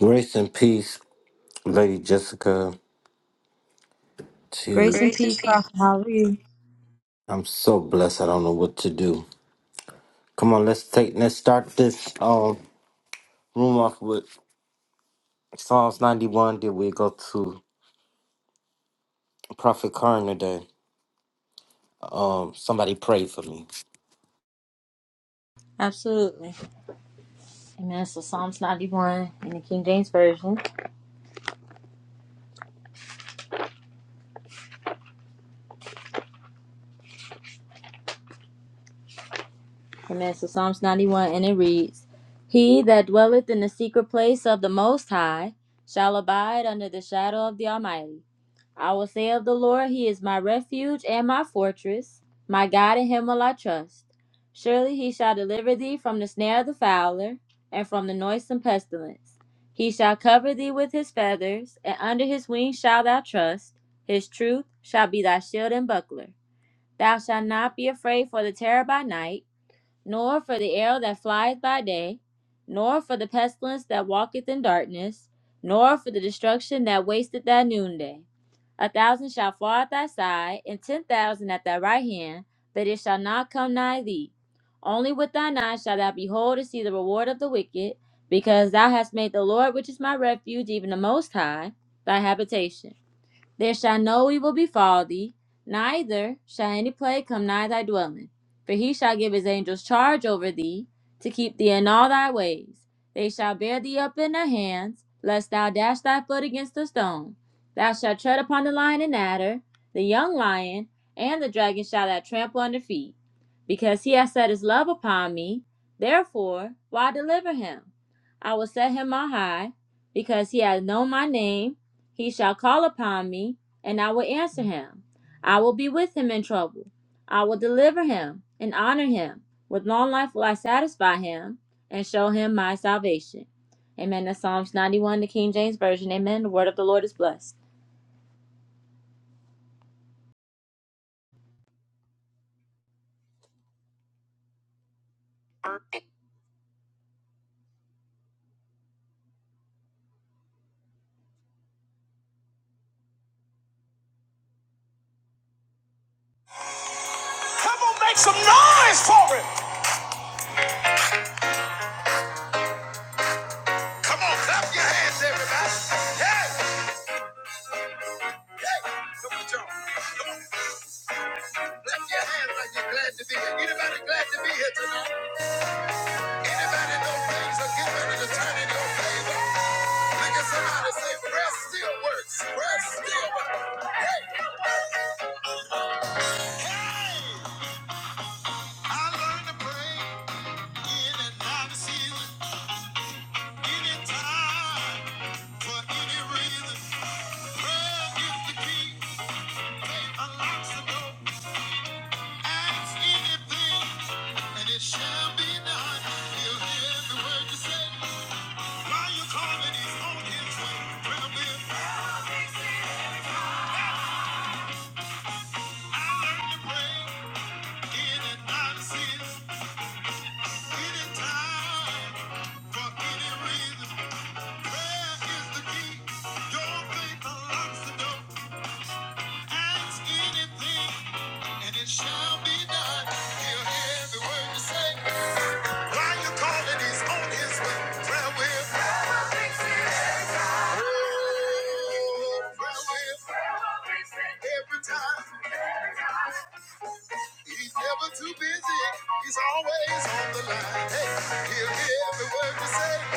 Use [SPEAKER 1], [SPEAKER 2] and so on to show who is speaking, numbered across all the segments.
[SPEAKER 1] Grace and peace, Lady Jessica. To
[SPEAKER 2] Grace and peace, Prophet. How are you?
[SPEAKER 1] I'm so blessed. I don't know what to do. Come on, let's take let's start this um room off with Psalms 91. Did we go to Prophet Karn today? Um, somebody pray for me.
[SPEAKER 2] Absolutely. Amen. So Psalms 91 in the King James Version. Amen. So Psalms 91 and it reads, He that dwelleth in the secret place of the Most High shall abide under the shadow of the Almighty. I will say of the Lord, He is my refuge and my fortress. My God, in Him will I trust. Surely He shall deliver thee from the snare of the fowler and from the noisome pestilence. He shall cover thee with His feathers, and under His wings shalt thou trust. His truth shall be thy shield and buckler. Thou shalt not be afraid for the terror by night nor for the arrow that flieth by day, nor for the pestilence that walketh in darkness, nor for the destruction that wasteth at noonday. A thousand shall fall at thy side, and ten thousand at thy right hand, but it shall not come nigh thee. Only with thine eyes shalt thou behold and see the reward of the wicked, because thou hast made the Lord, which is my refuge, even the Most High, thy habitation. There shall no evil befall thee, neither shall any plague come nigh thy dwelling. For he shall give his angels charge over thee, to keep thee in all thy ways. They shall bear thee up in their hands, lest thou dash thy foot against a stone. Thou shalt tread upon the lion and adder, the young lion, and the dragon shall thou trample under feet. Because he hath set his love upon me, therefore will I deliver him. I will set him on high, because he hath known my name he shall call upon me, and I will answer him. I will be with him in trouble. I will deliver him and honor him. With long life will I satisfy him and show him my salvation. Amen. That's Psalms 91, the King James Version. Amen. The word of the Lord is blessed. Come on, make some noise for it. Come on, clap your hands, everybody. Yes. Hey, come on, y'all. Clap your hands like you're glad to be here. Anybody glad to be here tonight? Anybody know things are getting ready to turn in your favor? Look at somebody say, prayer still works. Prayer still works. Hey! Hey. I learned to pray in and out of season, anytime, for any reason. Prayer is the key. Faith unlocks the door. Ask anything, and it shall be done. He'll hear every word you say. While you're calling, he's on his way. Prayer will. I learned to pray. Shall be done. He'll hear every word you say. Why you calling? He's on his way. Prayer will. Prayer will. Every time. He's never too busy. He's always on the line. Hey, he'll hear every word you say.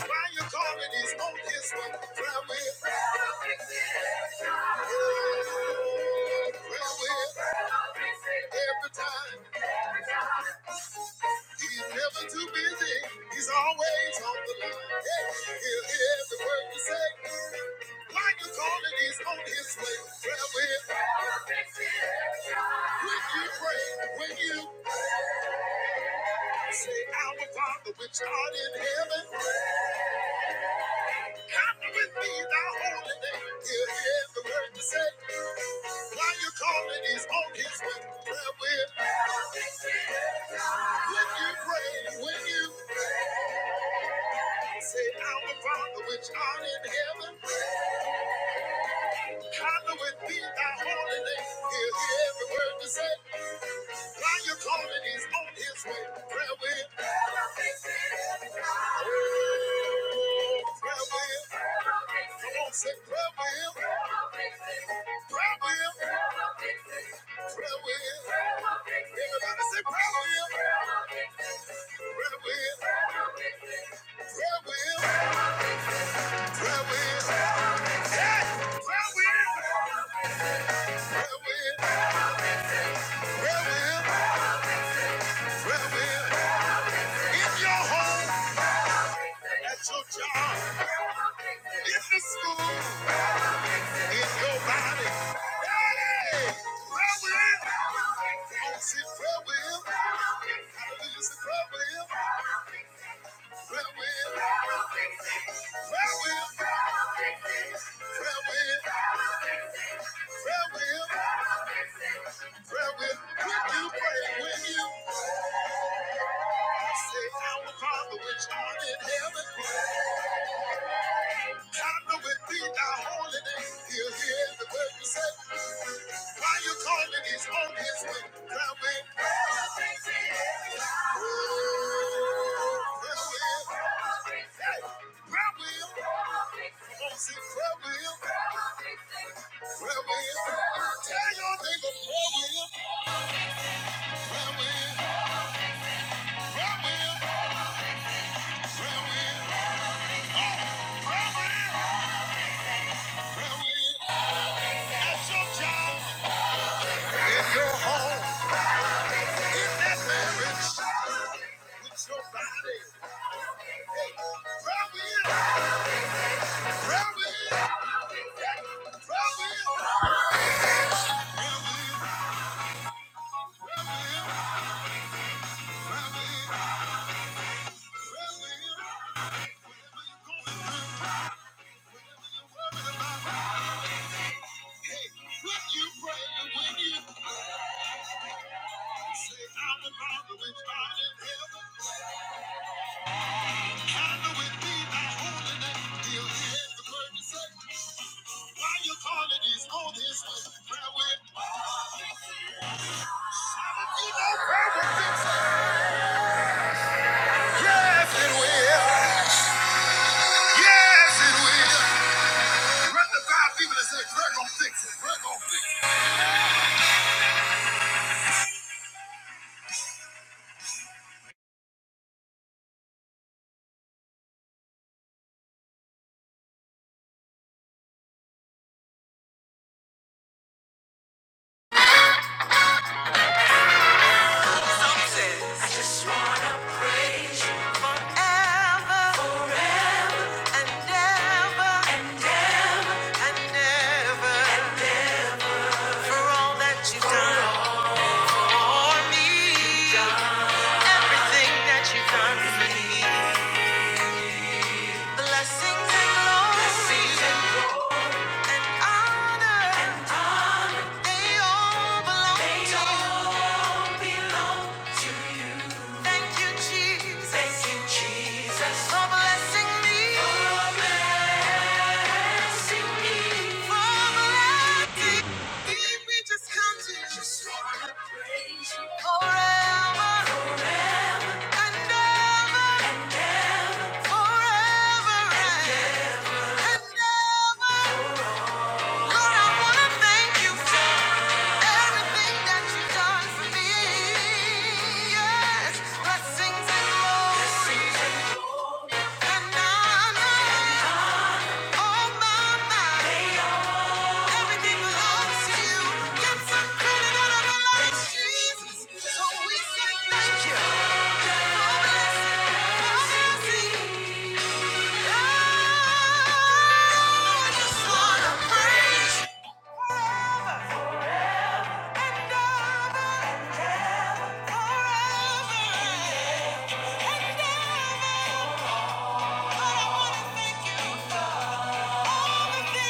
[SPEAKER 2] Why you calling his own his one? Where we? Where we? Every time. He's never too busy. He's always on the line. Yeah. He'll hear every word you say. Why you calling his own his way? Where we? When you pray, when you say, Our Father which art in heaven. Happy with me, thou holy name. He'll hear every word you say. While you are calling, he's on his way. Prayer will. When you pray, when you say, Our Father which art in heaven, hallowed be thy holy name. He'll hear every word you say. Now you calling? He's on his way. Prayer will. Prayer will fix it every time. Ooh, Prayer will. Prayer will fix it. Come on, say prayer will. Prayer will fix it. Prayer will. Prayer will fix it. Prayer will. Prayer will fix it. Everybody say prayer will. Prayer will fix it. Prayer will. Prayer will fix it. Prayer will. Prayer will. Prayer will. Prayer will. Prayer will. Prayer will. In your home. at your job, in the school, in your body. Daddy, prayer with him. I want to see prayer with him. Hallelujah, say prayer with him. Prayer with him. Prayer with him. Prayer with him. Prayer with him. Prayer with him. When you pray, when you say, Our Father, which art in heaven. How do it be thy holy name? He'll hear the word you say. Why you calling? He's on his way. Tell me. Prayer will. Won't see prayer will. Prayer will. Tell your neighbor prayer will. Prayer will. Prayer will. Prayer will. Prayer will. Prayer will. At your job. In your home. In that marriage, with your body, prayer will, prayer will, prayer will, prayer you're going you're worried about, hey, when you pray and when you say, I'm the to be found in heaven. Yes, it will. Yes, it will. Run the five people and say, prayer going fix it. Prayer going I just wanna praise you forever, forever, and ever, and ever, and ever, and ever, for all that you've done. for me. Everything that you've done for me. Blessings and glory. Blessings and glory. And honor. And honor. They all belong They to you. all belong to you. Thank you, Jesus. Thank you, Jesus. For blessing me. For blessing me. For blessing me
[SPEAKER 1] Mhm.
[SPEAKER 2] we just come to you. just wanna praise you forever, forever and ever, and ever, forever and ever, and ever. Lord, I wanna thank you for everything that you've done for me. Yes, blessings and glory and honor, all my mind. Everything belongs to you. Get some credit out of our lives, Jesus. So we say thank you. for blessing, for blessing. Oh, I just wanna praise you forever and ever and ever, forever and ever. But I wanna thank you. for Thank you.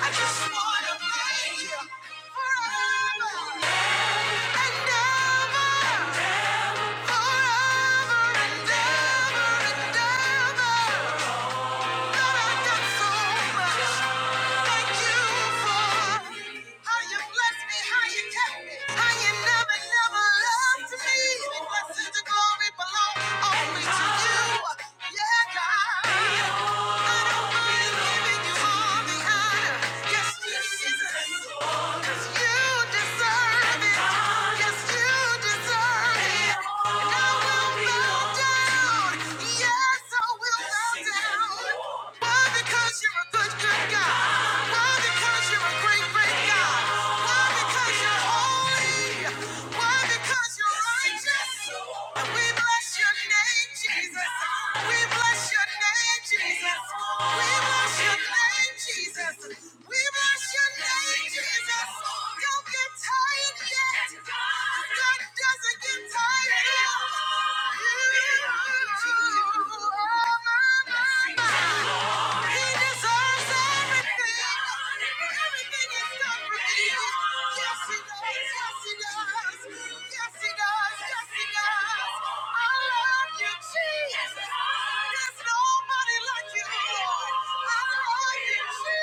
[SPEAKER 2] I just wanna thank you forever and ever, forever and ever and ever. Thank you. Cause you deserve it. Yes, you deserve it. I will bow down. Yes, I will bow down. Why? Because you're a good, good God. Why? Because you're a great, great God. Why? Because you're holy. Why? Because you're righteous. And we bless your name, Jesus. We bless your name, Jesus. We bless your name, Jesus. We bless your name, Jesus. Don't get tired yet. God doesn't get tired of you. Oh, my, my, my. He deserves everything. Everything he's done for me. Yes, he does. Yes, he does. Yes, he does. Yes, he does. I love you, Jesus. There's nobody like you, Lord. I love you, Jesus.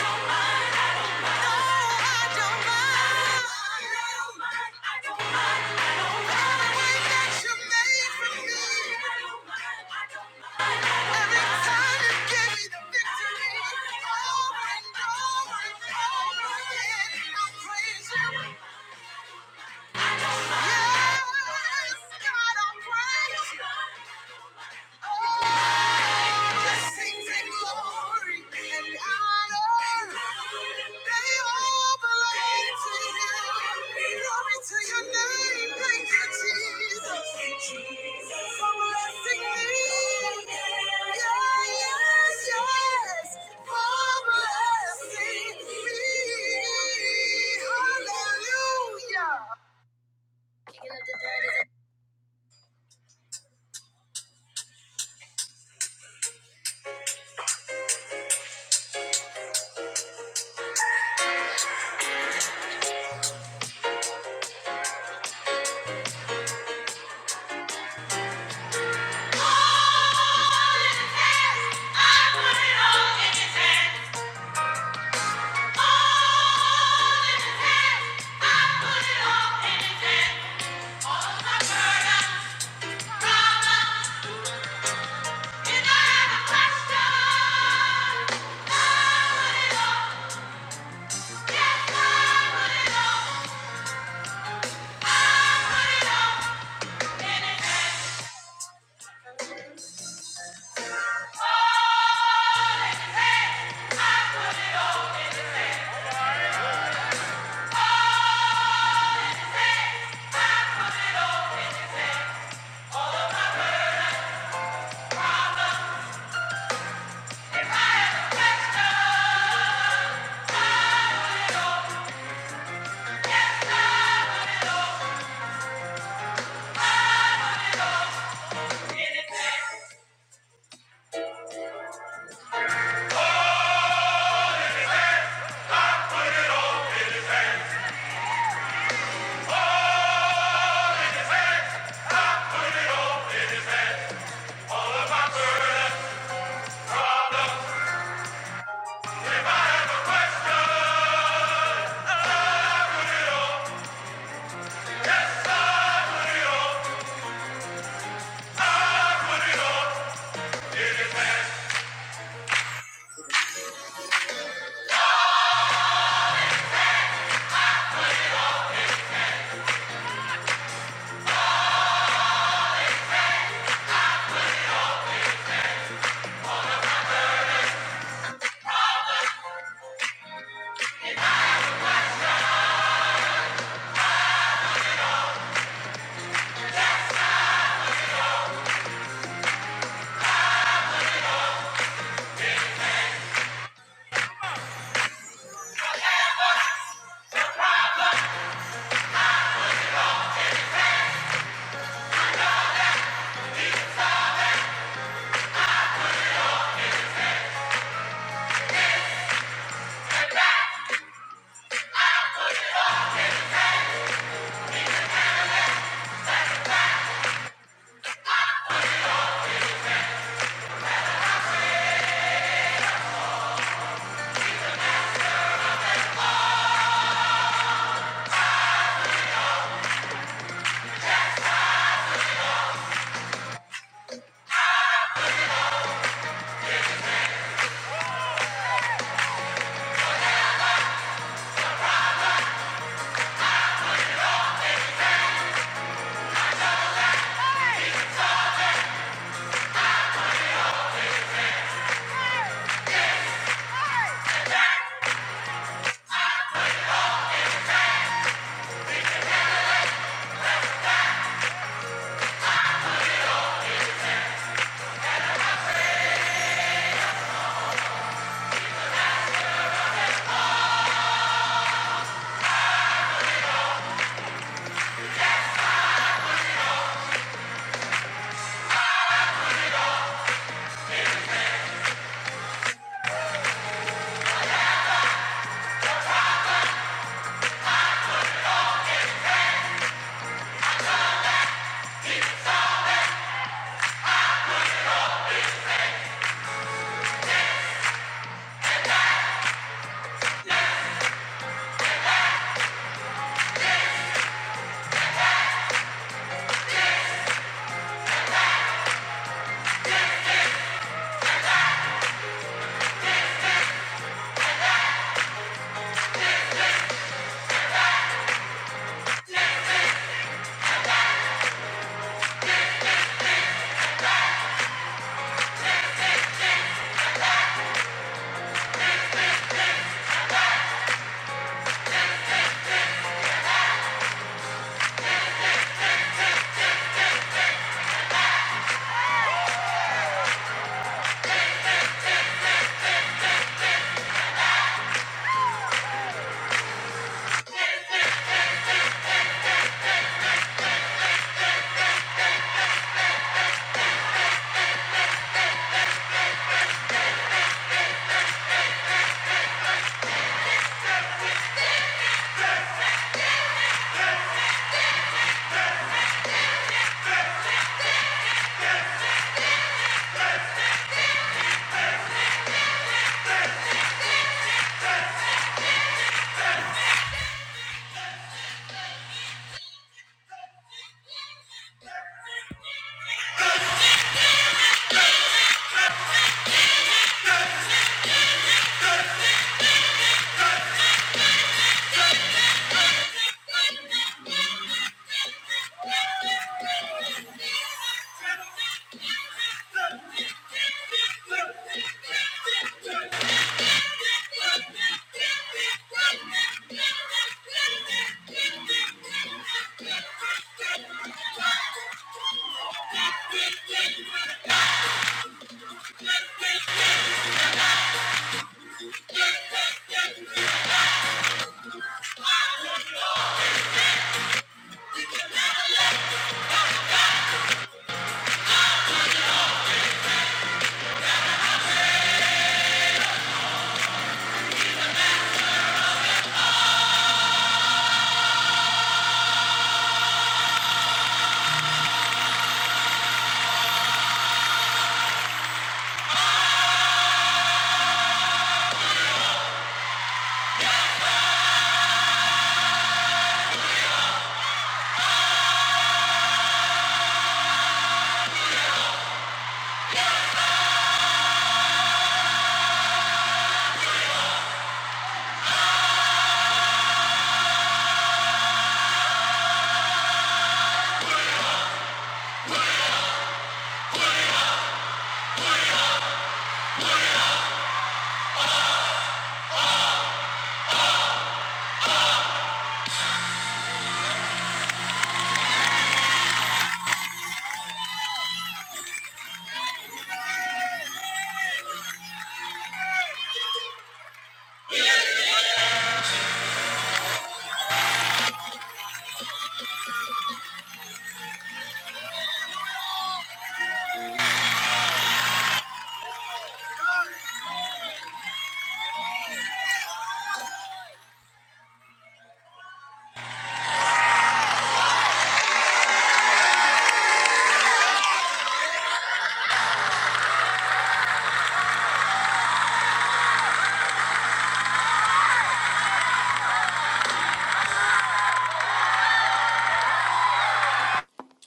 [SPEAKER 2] Thank you. I don't mind. Yes, God, I praise you. Blessings and glory and honor, they all belong to you. Glory to your name, thank you, Jesus, for blessing me. Yes, yes, for blessing me. Hallelujah. In the dirt is a- Deny the pressure.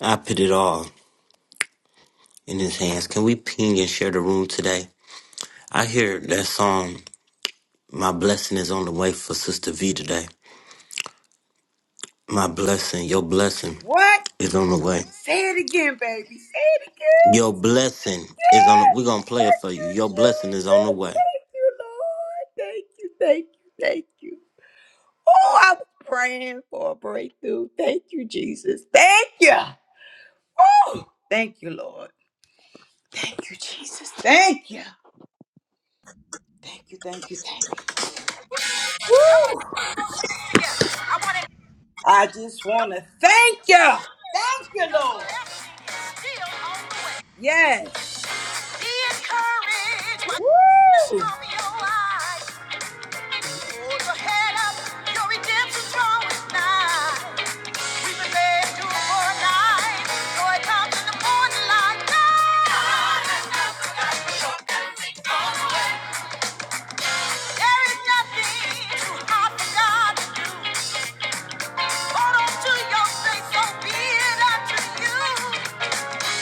[SPEAKER 1] I put it all in His hands. Can we ping and share the room today? I hear that song. My blessing is on the way for Sister V today. My blessing, your blessing
[SPEAKER 3] What?
[SPEAKER 1] is on the way.
[SPEAKER 3] Say it again, baby. Say it again.
[SPEAKER 1] Your blessing is on. The,
[SPEAKER 3] Yes.
[SPEAKER 1] we're gonna play it
[SPEAKER 3] Thank
[SPEAKER 1] for you. Your
[SPEAKER 3] you,
[SPEAKER 1] blessing is on the
[SPEAKER 3] Jesus.
[SPEAKER 1] way.
[SPEAKER 3] Thank you, Lord. Thank you, thank you, thank you. Oh, I was praying for a breakthrough. Thank you, Jesus. Thank you. Oh, thank you, Lord. Thank you, Jesus. Thank you. Thank you, thank you, thank you. Woo.
[SPEAKER 2] Yeah, I want to
[SPEAKER 3] I just want to thank
[SPEAKER 2] know
[SPEAKER 3] you.
[SPEAKER 2] your
[SPEAKER 3] Thank
[SPEAKER 2] blessing
[SPEAKER 3] you, Lord.
[SPEAKER 2] is still on the way.
[SPEAKER 3] Yes.
[SPEAKER 2] Be encouraged.
[SPEAKER 3] Woo.
[SPEAKER 2] Stop your lies. Hold your head up. Your redemption's drawing nigh. We've been led to a Joy comes in the morning light. God has not forgotten your every There is nothing too hard for God. Hold on to your faith. So be it unto you.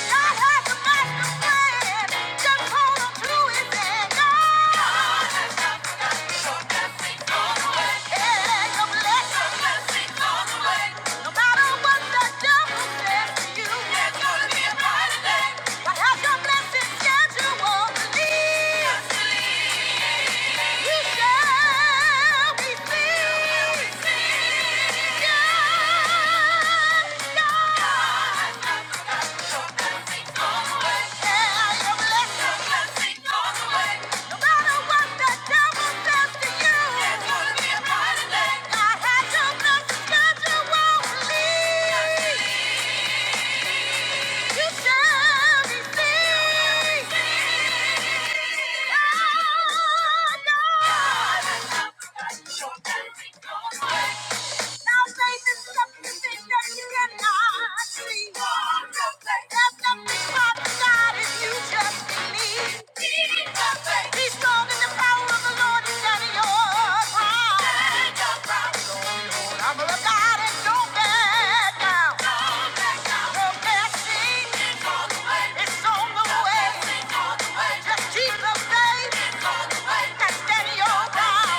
[SPEAKER 2] Yeah. Yeah. You shall be seen. Oh, God! You're dancing on my grave. Now faith is something that you cannot see. There's nothing hard God if you just believe. Be strong in the power of the Lord and stand your ground. Stand your I'm a God and don't back down. Don't on the way. It's on the way. Just keep the faith. And stand your ground.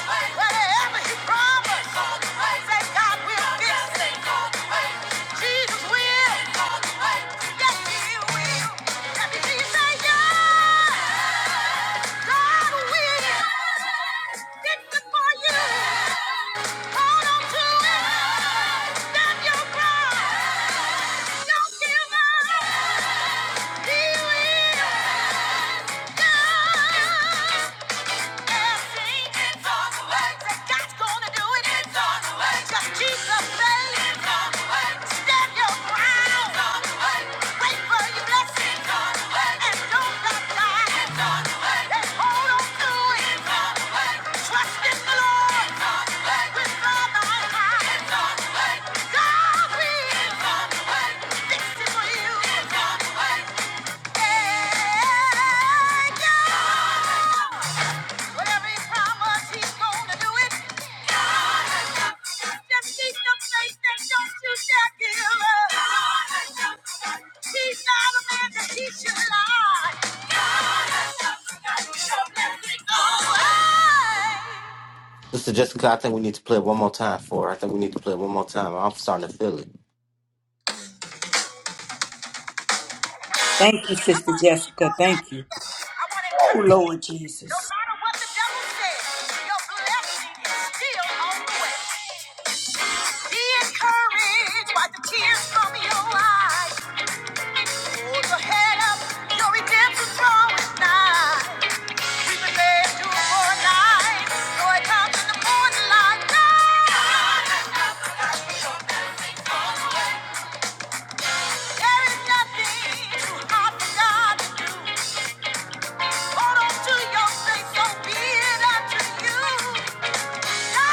[SPEAKER 2] Whatever he promised, say God will fix it. Yes, yeah. God will. Fix it for you. Hold on to it. Stand your ground. Don't give up. Trust in the Lord with all thy heart. God will fix it for you. Whatever he promised, he's gonna do it. Just keep your faith and don't you dare give up. He's not a man that he should lie. Your blessing always.
[SPEAKER 1] Sister Jessica, I think we need to play it one more time for. her. I think we need to play it one more time. I'm starting to feel it.
[SPEAKER 3] Thank you, Sister Jessica. Thank you.
[SPEAKER 2] I want to
[SPEAKER 3] Oh,
[SPEAKER 2] encourage you,
[SPEAKER 3] Lord
[SPEAKER 2] no
[SPEAKER 3] Jesus.
[SPEAKER 2] matter what the devil says, your blessing is still on the way. Be encouraged by the tears from your eyes. Hold your head up, your redemption draw nigh. We have been there to for a night. Joy comes in the morning light. No! There is nothing too hard for God. Hold on to your faith, so be it unto you. Believe.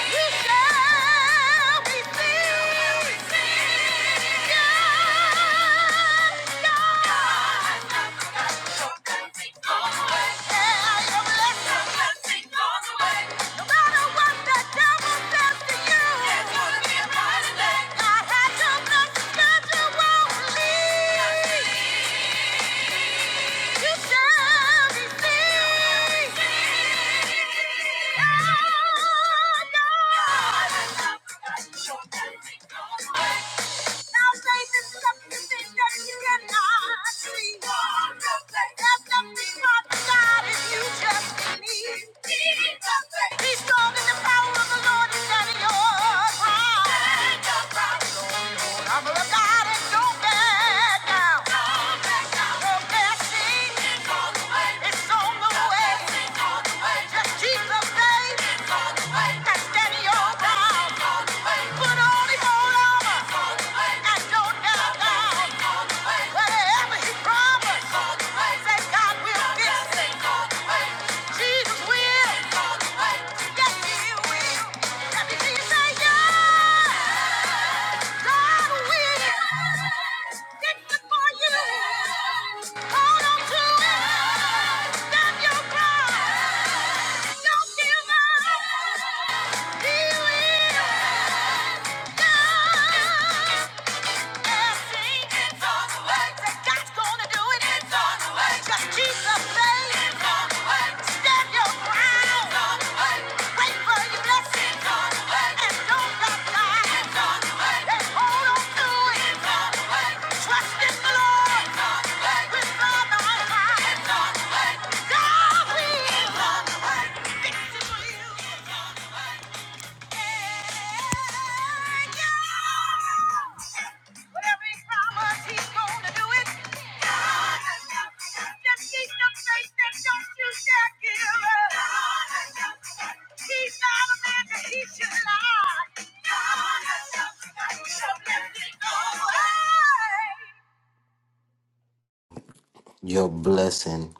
[SPEAKER 2] Yeah. Thank you. Put on the whole armor and don't ever doubt. Whatever he promised, say God will fix it. Jesus will. Yes, he will. Let me hear you say yes. God will. Fix it for you. Hold on to it. Stop your pride. Don't give up. He will. Yeah. Trust in the Lord with all thy heart. God will fix it for you. Whatever he promised, he's gonna do it. Just keep the faith and don't you dare give up. He's not a man that he should lie. So let it go.
[SPEAKER 1] Your blessing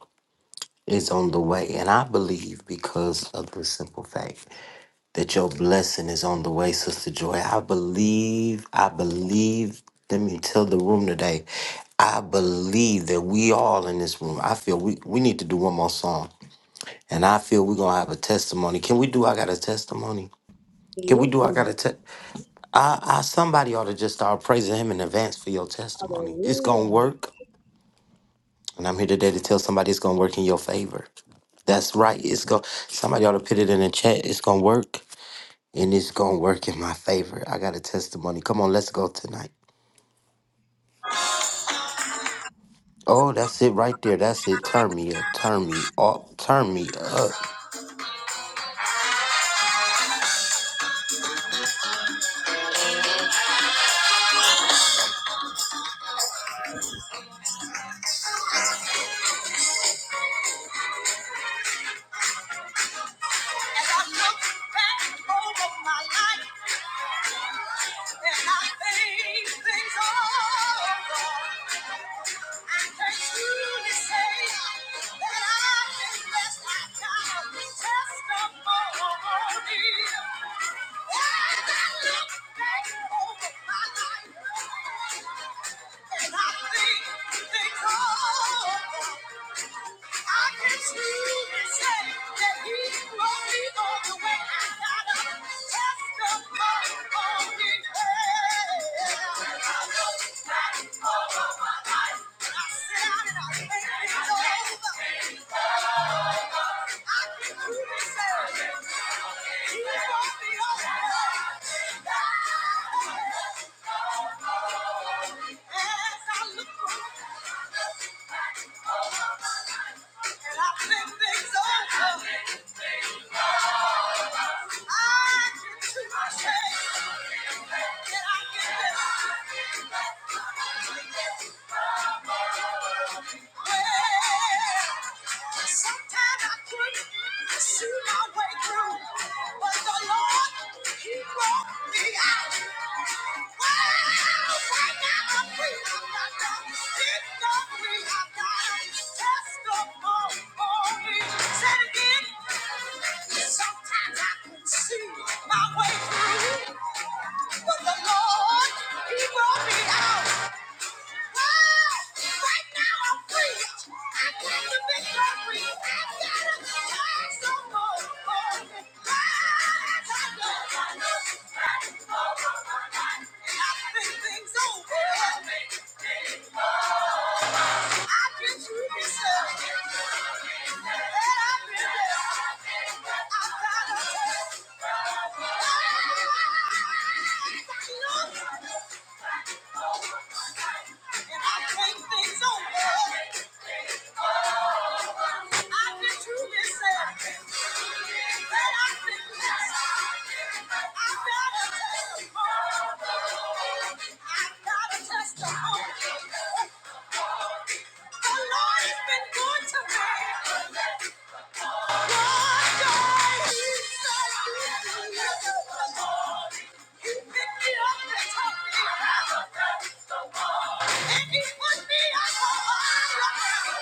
[SPEAKER 1] is on the way, and I believe because of the simple fact that your blessing is on the way, Sister Joy. I believe. I believe. Let me tell the room today. I believe that we all in this room. I feel we we need to do one more song, and I feel we're gonna have a testimony. Can we do? I got a testimony. Can we do? I gotta tell. I, I somebody ought to just start praising him in advance for your testimony. It's gonna work, and I'm here today to tell somebody it's gonna work in your favor. That's right. It's going Somebody ought to put it in the chat. It's gonna work, and it's gonna work in my favor. I got a testimony. Come on, let's go tonight. Oh, that's it right there. That's it. Turn me up. Turn me up. Turn me up.
[SPEAKER 2] As I look back over my life, and I think things over, I can truly say that I have been blessed. I have got a testimony. I can truly say that he. And I and things over. Sometimes I couldn't see my way through, but the Lord, He brought me out. Wow! Right now I'm free. I've got the victory. I've got a testimony. Sometimes I can see my way through, but the Lord, He brought me out. Right now I'm free. I got the victory. I got a blast on my mind. Nothing things over. And I take things over me. he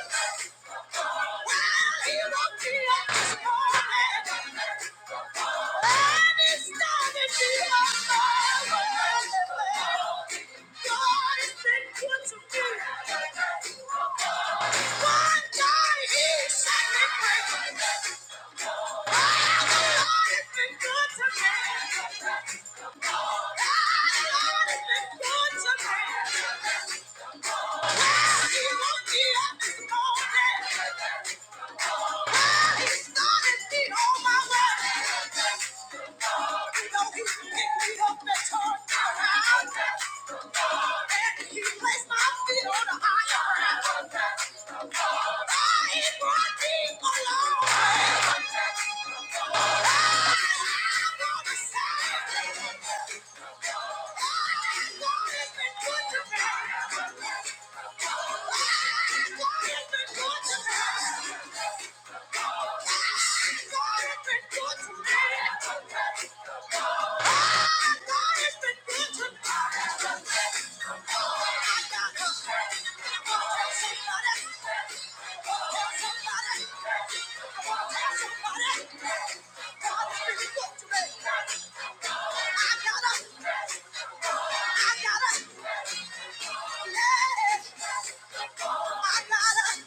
[SPEAKER 2] Thank you. Good to me. up this morning. It's been Good to me. I gotta, I gotta,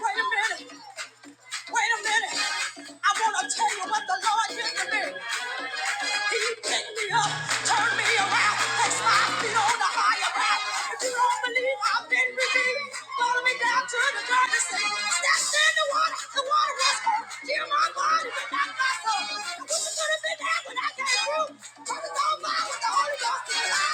[SPEAKER 2] Wait a minute. Wait a minute. I want to tell you what the Lord did to me. He picked me up, turned me around, placed my feet on the higher ground. If you don't believe I've been redeemed, follow me down to the dirty sea. Stepped in the water, the water was cold. Dear my body, but not my soul. I wish it could have been there when I came through. Turned it on fire with the Holy Ghost. in my he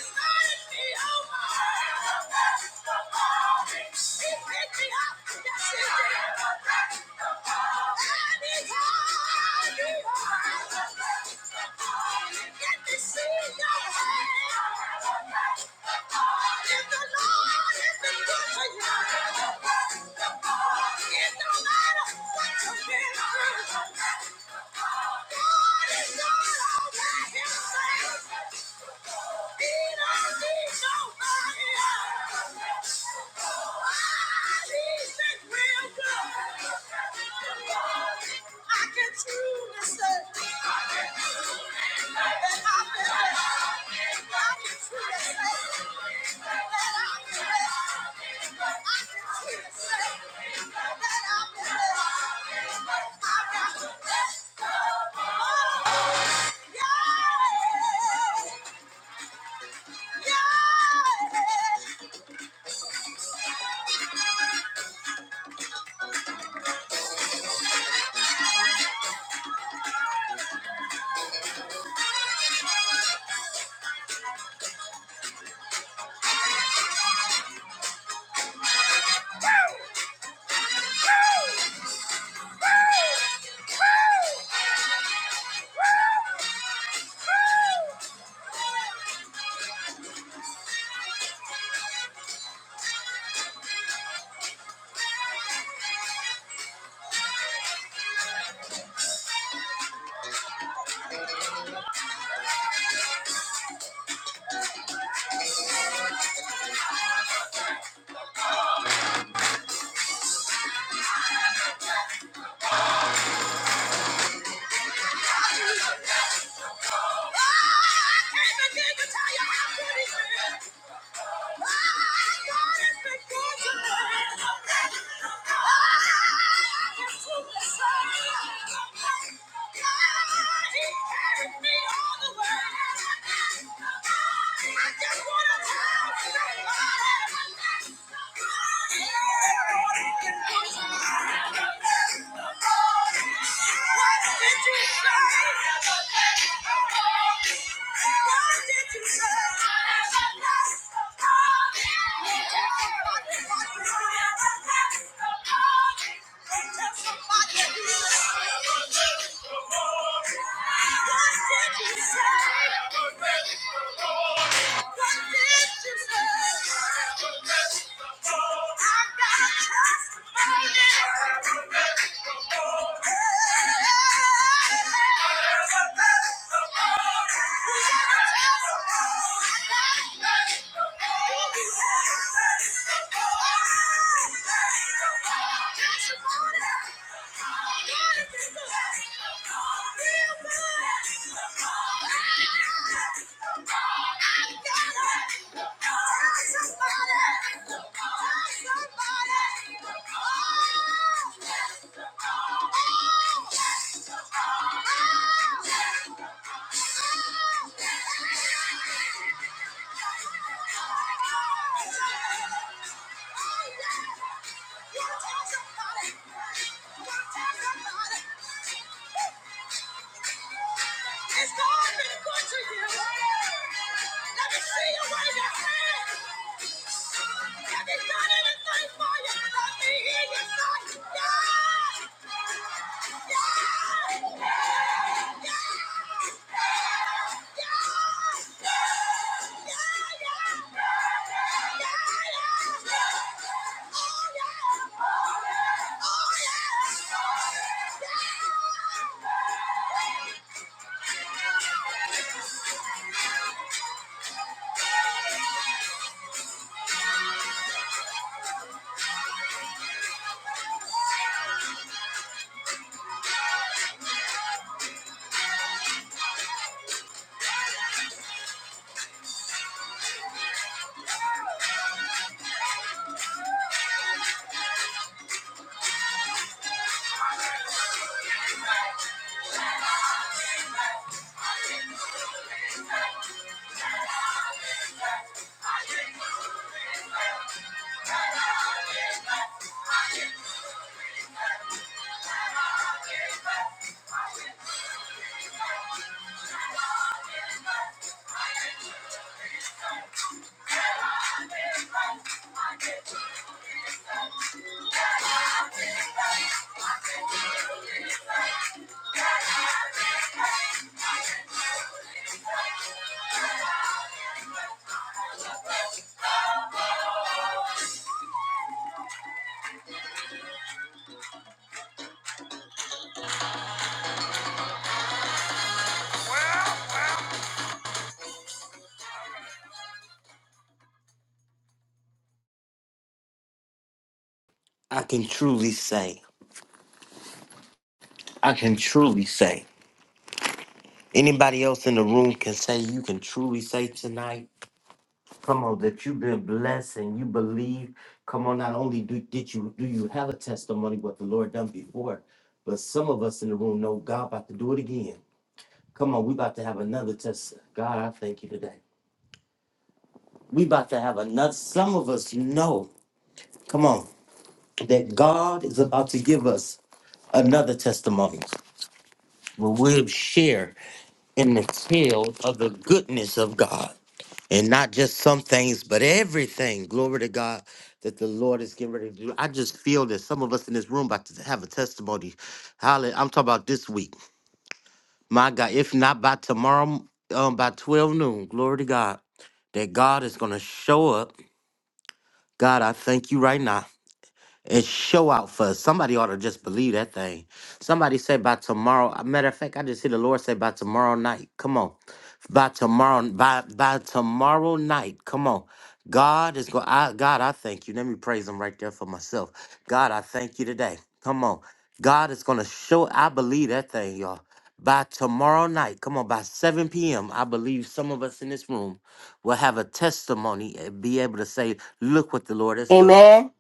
[SPEAKER 2] started me over isn't Thank you. I got the best of all. Woo! I just wanna tell you. What did you say? Thank you. It's God been good to you. Let me see you wave your hand. Have you done anything for you? Let me hear you say, yeah.
[SPEAKER 1] I can truly say. I can truly say. Anybody else in the room can say you can truly say tonight. Come on, that you've been blessed and you believe. Come on, not only do, did you do you have a testimony what the Lord done before, but some of us in the room know God about to do it again. Come on, we about to have another test. God, I thank you today. We about to have another. Some of us know. Come on, that God is about to give us another testimony where we'll share. and the tell of the goodness of God. And not just some things, but everything. Glory to God that the Lord is getting ready to do. I just feel that some of us in this room about to have a testimony. Hallelujah. I'm talking about this week. My God, if not by tomorrow, um, by 12 noon, glory to God, that God is going to show up. God, I thank you right now and show out for us. Somebody ought to just believe that thing. Somebody say by tomorrow. a Matter of fact, I just hear the Lord say by tomorrow night. Come on. By tomorrow, by by tomorrow night. Come on. God is going. I, God, I thank you. Let me praise Him right there for myself. God, I thank you today. Come on. God is going to show. I believe that thing, y'all. By tomorrow night, come on, by 7 p.m., I believe some of us in this room will have a testimony and be able to say, Look what the Lord has done.
[SPEAKER 4] Amen.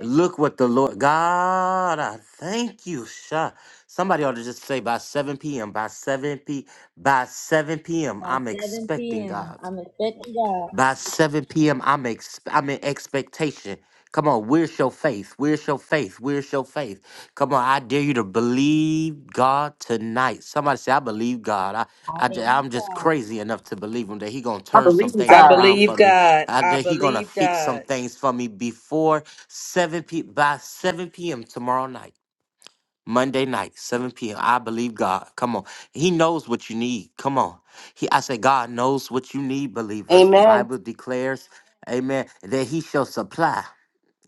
[SPEAKER 1] Look what the Lord God, I thank you, Sha. Somebody ought to just say by 7 p.m. By 7 p. By 7 p.m.
[SPEAKER 2] by
[SPEAKER 1] I'm
[SPEAKER 2] 7
[SPEAKER 1] expecting
[SPEAKER 2] p.m.
[SPEAKER 1] God.
[SPEAKER 2] I'm expecting God.
[SPEAKER 1] By 7 p.m., I'm ex- I'm in expectation. Come on, where's your faith? Where's your faith? Where's your faith? Come on, I dare you to believe God tonight. Somebody say, I believe God. I,
[SPEAKER 2] I
[SPEAKER 1] I, ju-
[SPEAKER 2] believe
[SPEAKER 1] I'm just
[SPEAKER 2] God.
[SPEAKER 1] crazy enough to believe him that he gonna turn some
[SPEAKER 3] I
[SPEAKER 1] things around
[SPEAKER 3] believe
[SPEAKER 1] for me.
[SPEAKER 3] God.
[SPEAKER 1] I,
[SPEAKER 3] I
[SPEAKER 1] that he gonna
[SPEAKER 3] believe
[SPEAKER 1] fix some
[SPEAKER 3] God.
[SPEAKER 1] things for me before 7 p by 7 p.m. tomorrow night. Monday night, 7 p.m. I believe God. Come on. He knows what you need. Come on. He I say God knows what you need, believers. The
[SPEAKER 4] Amen.
[SPEAKER 1] Bible declares, Amen, that He shall supply.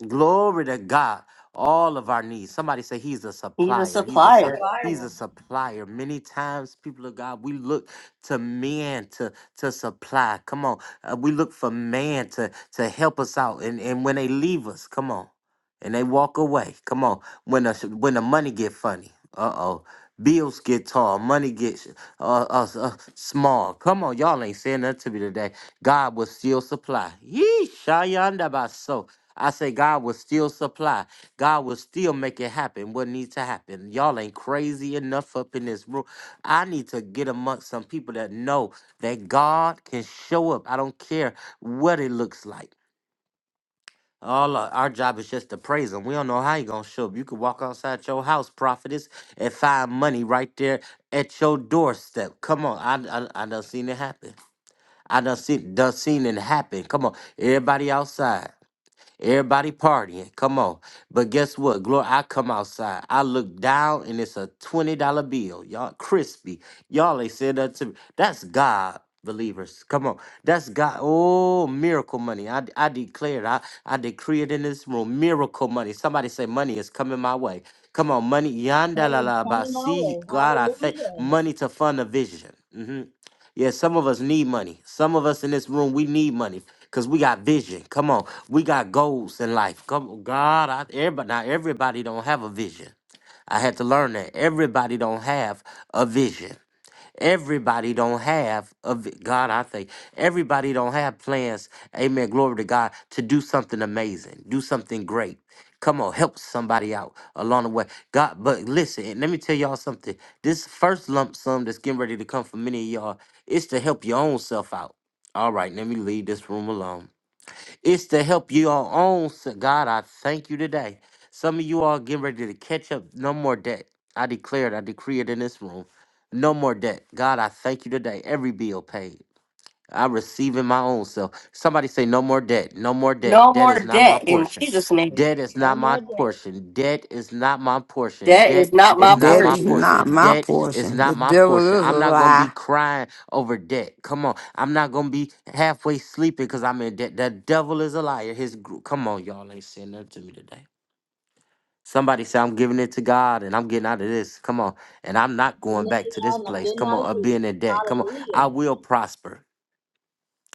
[SPEAKER 1] Glory to God. All of our needs. Somebody say he's a
[SPEAKER 4] He's a
[SPEAKER 1] supplier. He's a su-
[SPEAKER 4] supplier.
[SPEAKER 1] he's a supplier. Many times, people of God, we look to men to to supply. Come on, Uh, we look for man to to help us out. And and when they leave us, come on, and they walk away. Come on, when the when the money get funny. Uh oh. Bills get tall, money gets uh, uh, uh, small. Come on, y'all ain't saying nothing to me today. God will still supply. Yee, Shayanda baso. I say God will still supply. God will still make it happen. What needs to happen? Y'all ain't crazy enough up in this room. I need to get amongst some people that know that God can show up. I don't care what it looks like. All our, our job is just to praise him. We don't know how he gonna show up. You could walk outside your house, prophetess, and find money right there at your doorstep. Come on, I I, I done seen it happen. I done seen done seen it happen. Come on, everybody outside. Everybody partying. Come on. But guess what? Glory, I come outside. I look down and it's a $20 bill. Y'all crispy. Y'all ain't said that to me. That's God. Believers, come on. That's God. Oh, miracle money. I, I declare it. I, I decree it in this room. Miracle money. Somebody say money is coming my way. Come on, money. Yanda la
[SPEAKER 2] Money is
[SPEAKER 1] la ba.
[SPEAKER 2] coming my
[SPEAKER 1] See,
[SPEAKER 2] way.
[SPEAKER 1] God, I thank
[SPEAKER 2] Hallelujah.
[SPEAKER 1] money to fund a vision. Mhm. Yeah, some of us need money. Some of us in this room, we need money because we got vision. Come on, we got goals in life. Come on, God, I, everybody, now everybody don't have a vision. I had to learn that everybody don't have a vision. Everybody don't have a vi- God, I think. Everybody don't have plans. Amen. Glory to God to do something amazing, do something great. Come on, help somebody out along the way. God, but listen, and let me tell y'all something. This first lump sum that's getting ready to come for many of y'all is to help your own self out. All right, let me leave this room alone. It's to help you all own. s- God, I thank you today. Some of you all getting ready to catch up. No more debt. I declare it. I decree it in this room. No more debt. God, I thank you today. Every bill paid. I receive in my own self. Somebody say, No more debt. No more debt.
[SPEAKER 4] No
[SPEAKER 1] Debt
[SPEAKER 4] more
[SPEAKER 1] is not my
[SPEAKER 4] debt in
[SPEAKER 1] portion.
[SPEAKER 4] Jesus' name.
[SPEAKER 1] Debt is not
[SPEAKER 2] One
[SPEAKER 1] my
[SPEAKER 2] more day.
[SPEAKER 1] portion. Debt is not my portion.
[SPEAKER 4] Debt
[SPEAKER 1] Debt
[SPEAKER 4] is not
[SPEAKER 1] is
[SPEAKER 4] my
[SPEAKER 1] not
[SPEAKER 5] That
[SPEAKER 1] my
[SPEAKER 5] is
[SPEAKER 4] portion.
[SPEAKER 5] not
[SPEAKER 1] portion.
[SPEAKER 5] my
[SPEAKER 1] Debt is
[SPEAKER 5] portion. The
[SPEAKER 1] not my
[SPEAKER 5] devil
[SPEAKER 1] portion.
[SPEAKER 5] is a
[SPEAKER 1] I'm not going to be
[SPEAKER 5] lie.
[SPEAKER 1] crying over debt. Come on. I'm not going to be halfway sleeping because I'm in debt. The devil is a liar. His group. Come on, y'all ain't saying nothing to me today. Somebody say, I'm giving it to God and I'm getting out of this. Come on. And I'm not going
[SPEAKER 2] Even if
[SPEAKER 1] back
[SPEAKER 2] you
[SPEAKER 1] to this
[SPEAKER 2] God, and I'm
[SPEAKER 1] place.
[SPEAKER 2] getting
[SPEAKER 1] Come
[SPEAKER 2] out of
[SPEAKER 1] on. Of
[SPEAKER 2] here.
[SPEAKER 1] being in debt. Come on. I
[SPEAKER 2] Hallelujah.
[SPEAKER 1] will prosper.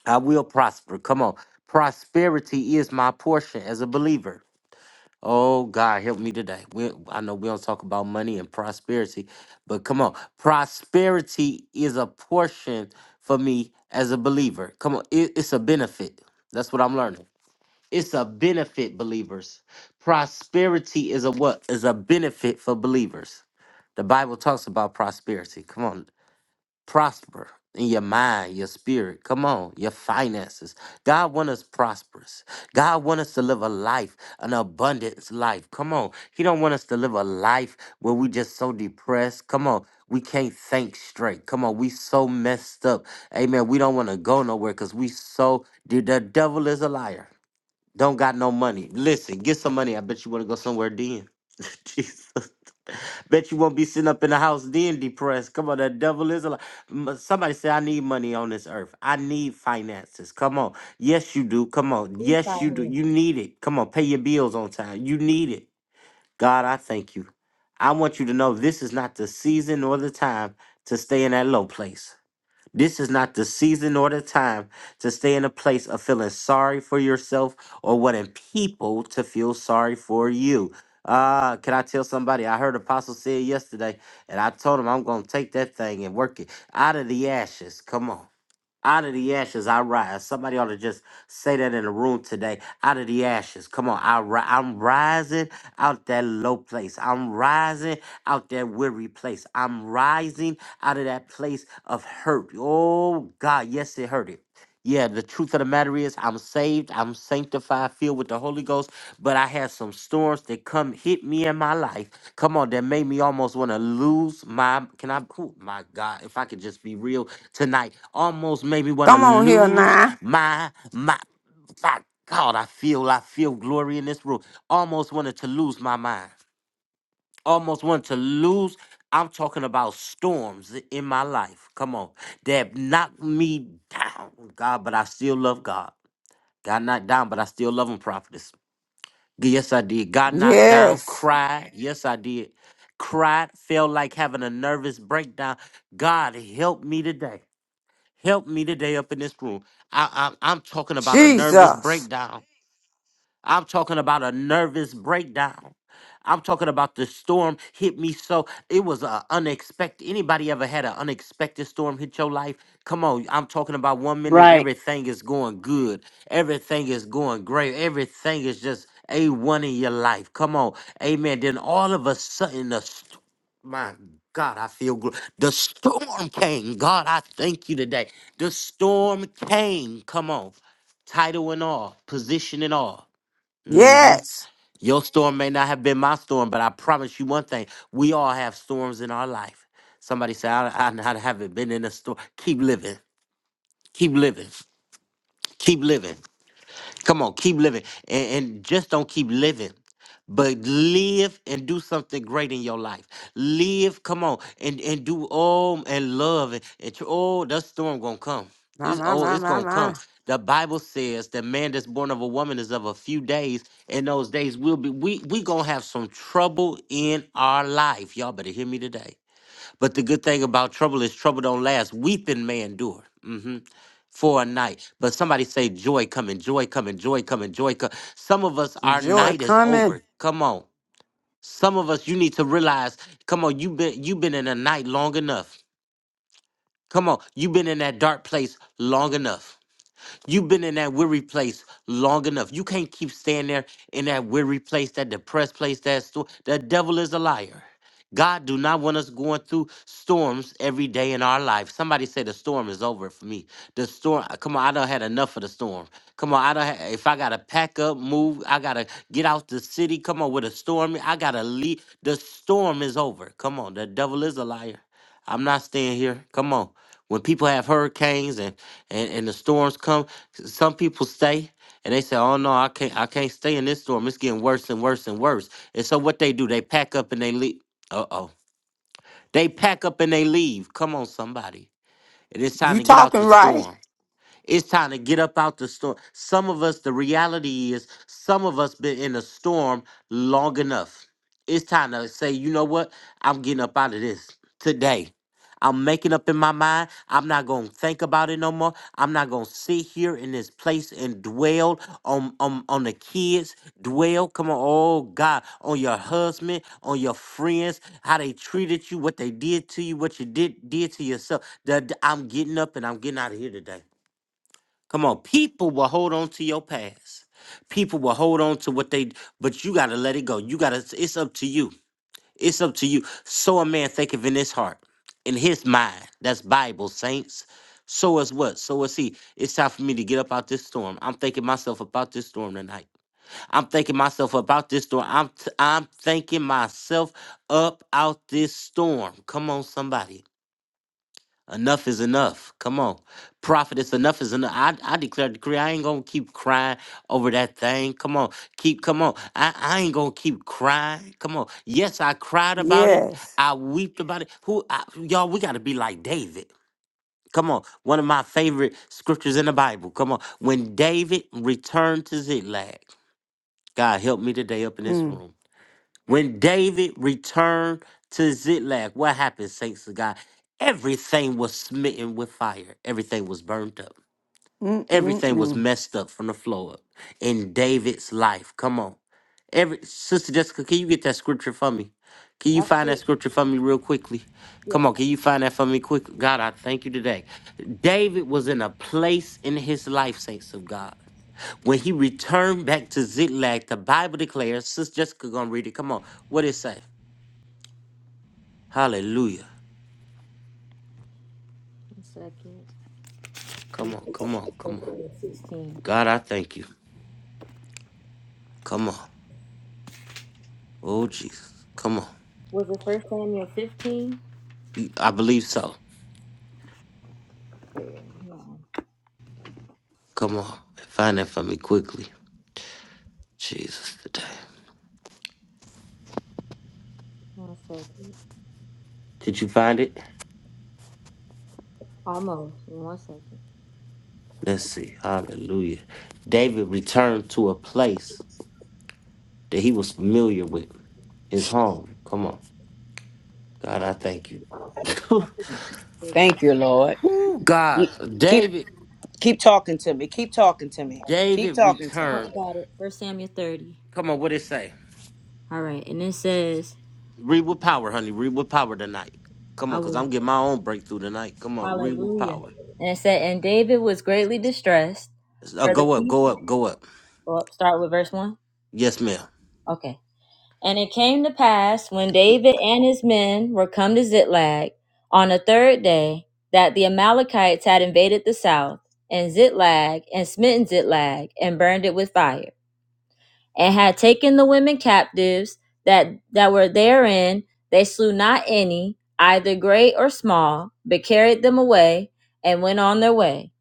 [SPEAKER 1] I will prosper. Come on. Prosperity is my portion as a believer. Oh, God, help me today. We, I know we don't talk about money and prosperity, but come on. Prosperity is a portion for me as a believer. Come on. It, it's a benefit. That's what I'm learning. It's a benefit, believers. Prosperity is a what? Is a benefit for believers. The Bible talks about prosperity. Come on prosper in your mind, your spirit. Come on, your finances. God want us prosperous. God want us to live a life, an abundance life. Come on. He don't want us to live a life where we just so depressed. Come on. We can't think straight. Come on, we so messed up. Amen. We don't want to go nowhere because we so the the devil is a liar. Don't got no money. Listen, get some money. I bet you want to go somewhere then. Jesus. Bet you won't be sitting up in the house then depressed. Come on, that devil is a alive. Somebody say, I need money on this earth. I need finances. Come on. Yes, you do. Come on.
[SPEAKER 2] Peace
[SPEAKER 1] Yes,
[SPEAKER 2] out
[SPEAKER 1] you do.
[SPEAKER 2] here.
[SPEAKER 1] You need it. Come on. Pay your bills on time. You need it. God, I thank you. I want you to know this is not the season or the time to stay in that low place. This is not the season nor the time to stay in a place of feeling sorry for yourself or wanting people to feel sorry for you. Ah, can I tell somebody? I heard Apostle say it yesterday, and I told him I'm gonna take that thing and work it out of the ashes. Come on. Out of the ashes, I rise. Somebody ought to just say that in the room today. Out of the ashes, come on. I ri- I'm rising out that low place. I'm rising out that weary place. I'm rising out of that place of hurt. Oh, God, yes, it hurt it. Yeah, the truth of the matter is, I'm saved, I'm sanctified, filled with the Holy Ghost, but I had some storms that come hit me in my life. Come on, that made me almost want to lose my. Can I? Oh my God, if I could just be real tonight, almost made me want to
[SPEAKER 5] Come on here
[SPEAKER 1] lose
[SPEAKER 5] now.
[SPEAKER 1] my my. My God, I feel I feel glory in this room. Almost wanted to lose my mind almost want to lose. I'm talking about storms in my life. Come on. That knocked me down, God, but I still love God. Got knocked down, but I still love him, prophetess. Yes, I did. Got knocked down,
[SPEAKER 5] Yes.
[SPEAKER 1] cried. Yes, I did. Cried, felt like having a nervous breakdown. God, help me today. Help me today up in this room. I, I, I'm talking about a nervous
[SPEAKER 5] Jesus.
[SPEAKER 1] breakdown. I'm talking about a nervous breakdown. I'm talking about the storm hit me so it was a unexpected. Anybody ever had an unexpected storm hit your life? Come on, I'm talking about one minute
[SPEAKER 4] Right.
[SPEAKER 1] everything is going good, everything is going great, everything is just a one in your life. Come on, amen. Then all of a sudden, the st- my God, I feel good. The storm came. God, I thank you today. The storm came. Come on, title and all, position and all hmm
[SPEAKER 5] Yes.
[SPEAKER 1] Your storm may not have been my storm, but I promise you one thing: we all have storms in our life. Somebody say, "I, I, I haven't been in a storm." Keep living. Keep living. Keep living. Come on, keep living. And, and just don't keep living. But live and do something great in your life. Live, come on, and, and do all and love and, and tr- oh, that storm gonna come.
[SPEAKER 5] My,
[SPEAKER 1] It's
[SPEAKER 5] my,
[SPEAKER 1] oh,
[SPEAKER 5] my,
[SPEAKER 1] it's
[SPEAKER 5] my,
[SPEAKER 1] gonna
[SPEAKER 5] my.
[SPEAKER 1] come. The Bible says the man that's born of a woman is of a few days, and those days will be we we gonna have some trouble in our life. Y'all better hear me today. But the good thing about trouble is trouble don't last. Weeping may endure mhm, for a night. But somebody say joy coming, joy coming, joy coming, joy coming. Some of us, our
[SPEAKER 5] Joy
[SPEAKER 1] night is
[SPEAKER 5] coming.
[SPEAKER 1] over. Come on. Some of us, you need to realize, come on, you've been, you been in a night long enough. Come on, you've been in that dark place long enough. You've been in that weary place long enough. You can't keep staying there in that weary place, that depressed place, that sto- the devil is a liar. God do not want us going through storms every day in our life. Somebody say the storm is over for me. The storm, uh, come on, I done had enough of the storm. Come on, I don't. Ha- If I gotta pack up, move, I gotta get out the city. Come on, with a storm, I gotta leave. The storm is over. Come on, the devil is a liar. I'm not staying here. Come on. When people have hurricanes and and, and the storms come. Some people stay and they say, "Oh no, I can't, I can't stay in this storm. It's getting worse and worse and worse." And so what they do, they pack up and they leave. Uh oh, they pack up and they leave. Come on, somebody, it is time
[SPEAKER 5] You
[SPEAKER 1] to get out
[SPEAKER 5] talking
[SPEAKER 1] the
[SPEAKER 5] right.
[SPEAKER 1] storm. It's time to get up out the storm. Some of us, the reality is, some of us been in a storm long enough. It's time to say, you know what? I'm getting up out of this today. I'm making up in my mind. I'm not gonna think about it no more. I'm not gonna sit here in this place and dwell on on, on the kids. Dwell, come on, oh God, on your husband, on your friends, how they treated you, what they did to you, what you did did to yourself. The- the- I'm getting up and I'm getting out of here today. Come on, people will hold on to your past. People will hold on to what they, but you got to let it go. You got to, it's up to you. It's up to you. So a man thinketh in his heart, in his mind. That's Bible, saints. So is what? So is he. It's time for me to get up out this storm. I'm thinking myself about this storm tonight. I'm thinking myself about this storm. I'm, t- I'm thinking myself up out this storm. Come on, somebody. Enough is enough. Come on. Prophetess, enough is enough. I, I declare decree. I ain't gonna keep crying over that thing. Come on. Keep come on. I, I ain't gonna keep crying. Come on. Yes, I cried about it.
[SPEAKER 5] Yes.
[SPEAKER 1] I weeped about it. Who I, y'all, we gotta be like David. Come on. One of my favorite scriptures in the Bible. Come on. When David returned to Ziklag, God help me today up in this
[SPEAKER 5] Mm.
[SPEAKER 1] room. When David returned to Ziklag, what happened, saints of God? Everything was smitten with fire. Everything was burnt up. Everything was
[SPEAKER 5] Mm-mm-mm.
[SPEAKER 1] messed up from the floor up in David's life. Come on. Every Sister Jessica, can you get that scripture for me? Can you
[SPEAKER 2] That's
[SPEAKER 1] find that
[SPEAKER 2] it.
[SPEAKER 1] scripture for me real quickly?
[SPEAKER 2] Yes.
[SPEAKER 1] Come on, can you find that for me quick? God, I thank you today. David was in a place in his life, saints of God. When he returned back to Ziklag, the Bible declares, Sister Jessica gonna read it. Come on. What it say? Hallelujah.
[SPEAKER 2] One second. Three,
[SPEAKER 1] Come on, come
[SPEAKER 2] First
[SPEAKER 1] on, come on.
[SPEAKER 2] 16.
[SPEAKER 1] God, I thank you. Come on. Oh Jesus. Come on.
[SPEAKER 2] Was it First Samuel 15?
[SPEAKER 1] Y- I believe so.
[SPEAKER 2] No.
[SPEAKER 1] Come on. Find that for me quickly. Jesus today.
[SPEAKER 2] One second.
[SPEAKER 1] Did you find it?
[SPEAKER 2] Almost. One second.
[SPEAKER 1] Let's see. Hallelujah. David returned to a place that he was familiar with. His home. Come on. God, I thank you.
[SPEAKER 3] Thank you, Lord.
[SPEAKER 1] Woo, God,
[SPEAKER 3] Keep
[SPEAKER 1] David.
[SPEAKER 3] keep talking to me. Keep talking to me. Keep
[SPEAKER 1] David
[SPEAKER 3] talking to me.
[SPEAKER 2] Oh,
[SPEAKER 1] returned.
[SPEAKER 2] got it. First Samuel 30.
[SPEAKER 1] Come on, what it say?
[SPEAKER 2] All right. And it says,
[SPEAKER 1] Read with power, honey. Read with power tonight. Come
[SPEAKER 2] I
[SPEAKER 1] on, cause
[SPEAKER 2] will.
[SPEAKER 1] I'm getting my own breakthrough tonight. Come on, read with
[SPEAKER 2] Hallelujah.
[SPEAKER 1] power.
[SPEAKER 2] And it said, And David was greatly distressed
[SPEAKER 1] Uh,
[SPEAKER 2] for the
[SPEAKER 1] go up, go
[SPEAKER 2] people.
[SPEAKER 1] up, go up.
[SPEAKER 2] Well, start with verse 1.
[SPEAKER 1] Yes, ma'am.
[SPEAKER 2] Okay. And it came to pass when David and his men were come to Ziklag on the third day that the Amalekites had invaded the south and Ziklag and smitten Ziklag and burned it with fire and had taken the women captives that that were therein they slew not any either great or small but carried them away and went on their way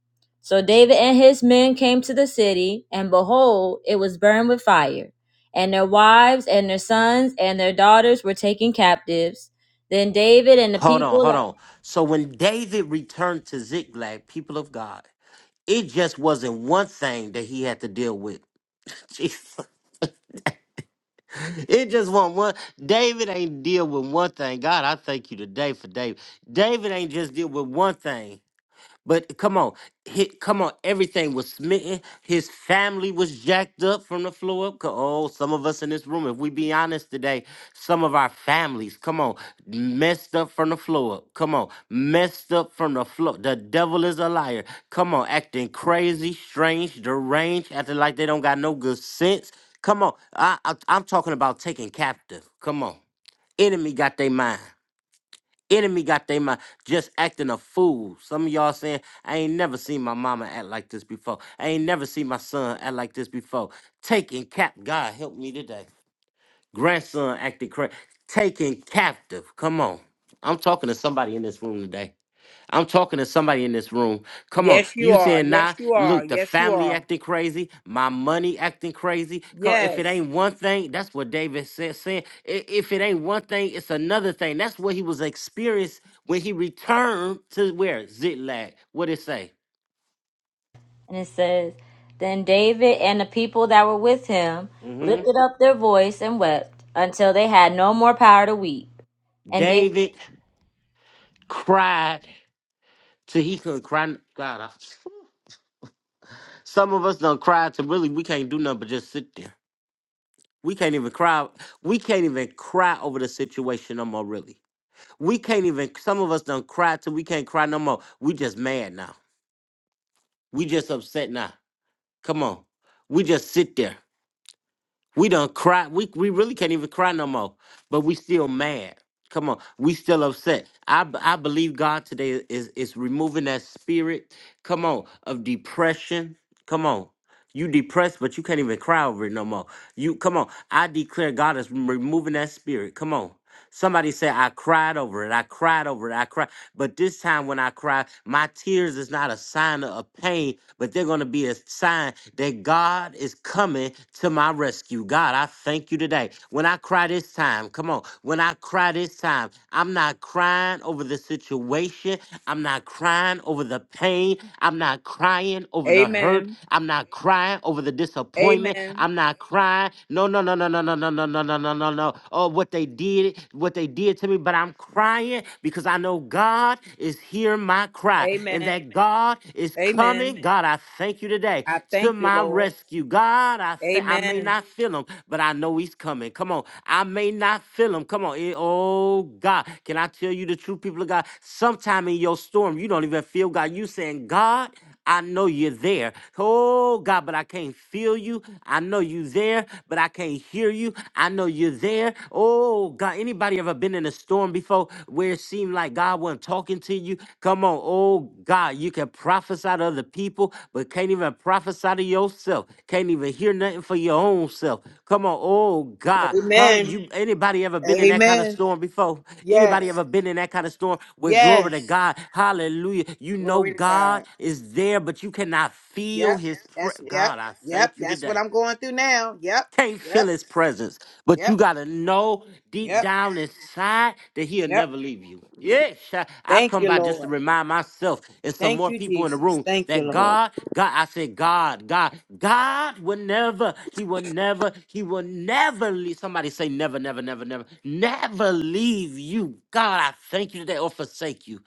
[SPEAKER 2] so david and his men came to the city and behold it was burned with fire and their wives and their sons and their daughters were taken captives then david and the
[SPEAKER 1] Hold on,
[SPEAKER 2] people
[SPEAKER 1] hold on. So when David returned to Ziklag, people of God, it just wasn't one thing that he had to deal with. Jesus. It just wasn't one. David ain't deal with one thing. God, I thank you today for David. David ain't just deal with one thing. But come on, hit, come on, everything was smitten. His family was jacked up from the floor up. Co- Oh, some of us in this room, if we be honest today, some of our families, come on, messed up from the floor up. Come on, messed up from the floor. The devil is a liar. Come on, acting crazy, strange, deranged, acting like they don't got no good sense. Come on, I, I I'm talking about taking captive. Come on, enemy got their mind enemy got they mind just acting a fool. Some of y'all saying, I ain't never seen my mama act like this before. I ain't never seen my son act like this before. Taking cap, God help me today. Grandson acting crazy. Taken captive. Come on. I'm talking to somebody in this room today. I'm talking to somebody in this room. Come on,
[SPEAKER 3] Yes, you
[SPEAKER 1] you
[SPEAKER 3] are.
[SPEAKER 1] saying
[SPEAKER 3] Yes,
[SPEAKER 1] nah?
[SPEAKER 3] you are.
[SPEAKER 1] Look, the
[SPEAKER 3] Yes, you
[SPEAKER 1] family
[SPEAKER 3] are.
[SPEAKER 1] acting crazy, my money acting crazy. Come, if it
[SPEAKER 3] Yes.
[SPEAKER 1] ain't one thing, that's what David said. Saying "I- if it ain't one thing, it's another thing. That's what he was experienced when he returned to where Ziklag. What it say?
[SPEAKER 2] And it says, Then David and the people that were with him
[SPEAKER 1] hmm
[SPEAKER 2] lifted up their voice and wept until they had no more power to weep. And David
[SPEAKER 1] David cried till he couldn't cry. n- God, I- some of us don't cry to really we can't do nothing but just sit there. We can't even cry. We can't even cry over the situation no more. Really. We can't even. Some of us don't cry till we can't cry no more. We just mad now. We just upset now. Come on. We just sit there. We don't cry. We we really can't even cry no more. But we still mad. Come on. We still upset. I b- I believe God today is is removing that spirit. Come on of depression. Come on. You depressed, but you can't even cry over it no more. You come on. I declare God is removing that spirit. Come on. Somebody say, I cried over it. I cried over it. I cried. But this time when I cry, my tears is not a sign of pain, but they're going to be a sign that God is coming to my rescue. God, I thank you today. When I cry this time, come on. When I cry this time, I'm not crying over the situation. I'm not crying over the pain. I'm not crying over the hurt.
[SPEAKER 3] Amen.
[SPEAKER 1] I'm not crying over the disappointment.
[SPEAKER 3] Amen.
[SPEAKER 1] I'm not crying. No, no, no, no, no, no, no, no, no, no, no, no, no, don't know oh what they did, what they did to me, but I'm crying because I know God is hearing my cry and
[SPEAKER 3] Amen.
[SPEAKER 1] that God is
[SPEAKER 3] Amen.
[SPEAKER 1] coming. God, I thank you today
[SPEAKER 3] I
[SPEAKER 1] to
[SPEAKER 3] thank you,
[SPEAKER 1] my
[SPEAKER 3] Lord.
[SPEAKER 1] rescue. God, I th- I may
[SPEAKER 3] Amen.
[SPEAKER 1] not feel him, but I know he's coming. Come on. I may not feel him. Come on. Eh, oh God, can I tell you the truth, people of God? Sometime in your storm, you don't even feel God. You saying, God. I know you're there. Oh God, but I can't feel you. I know you there, but I can't hear you. I know you're there. Oh God, anybody ever been in a storm before where it seemed like God wasn't talking to you? Come on, oh God, you can prophesy to other people, but can't even prophesy prophesy to yourself. Can't even hear nothing for your own self. Come on, oh God, huh?
[SPEAKER 3] Amen.
[SPEAKER 1] You anybody ever been in that kind of
[SPEAKER 3] Amen.
[SPEAKER 1] storm before? Anybody
[SPEAKER 3] Yes.
[SPEAKER 1] ever been in that kind of storm? With glory to
[SPEAKER 3] Yes.
[SPEAKER 1] God, Hallelujah. You know
[SPEAKER 3] Glory to
[SPEAKER 1] God
[SPEAKER 3] God.
[SPEAKER 1] is there, but you cannot feel
[SPEAKER 3] Yep.
[SPEAKER 1] His. Pre-
[SPEAKER 3] That's yep.
[SPEAKER 1] God, I
[SPEAKER 3] Yep.
[SPEAKER 1] thank you
[SPEAKER 3] That's what
[SPEAKER 1] today.
[SPEAKER 3] I'm going through now. Yep.
[SPEAKER 1] Can't feel
[SPEAKER 3] Yep.
[SPEAKER 1] his presence, but you
[SPEAKER 3] Yep.
[SPEAKER 1] gotta know deep
[SPEAKER 3] Yep.
[SPEAKER 1] down inside that he'll
[SPEAKER 3] Yep.
[SPEAKER 1] never leave you. Yeah, sha- I
[SPEAKER 3] Thank
[SPEAKER 1] come
[SPEAKER 3] you,
[SPEAKER 1] by just to
[SPEAKER 3] Lord.
[SPEAKER 1] remind myself and some
[SPEAKER 3] Thank
[SPEAKER 1] more
[SPEAKER 3] you,
[SPEAKER 1] people in the
[SPEAKER 3] Jesus.
[SPEAKER 1] room
[SPEAKER 3] Thank you,
[SPEAKER 1] that
[SPEAKER 3] Lord.
[SPEAKER 1] God, God, I said God, God, God will never, He will never, He will never leave. Somebody say never, never, never, never, never leave you. God, I thank you today or forsake you.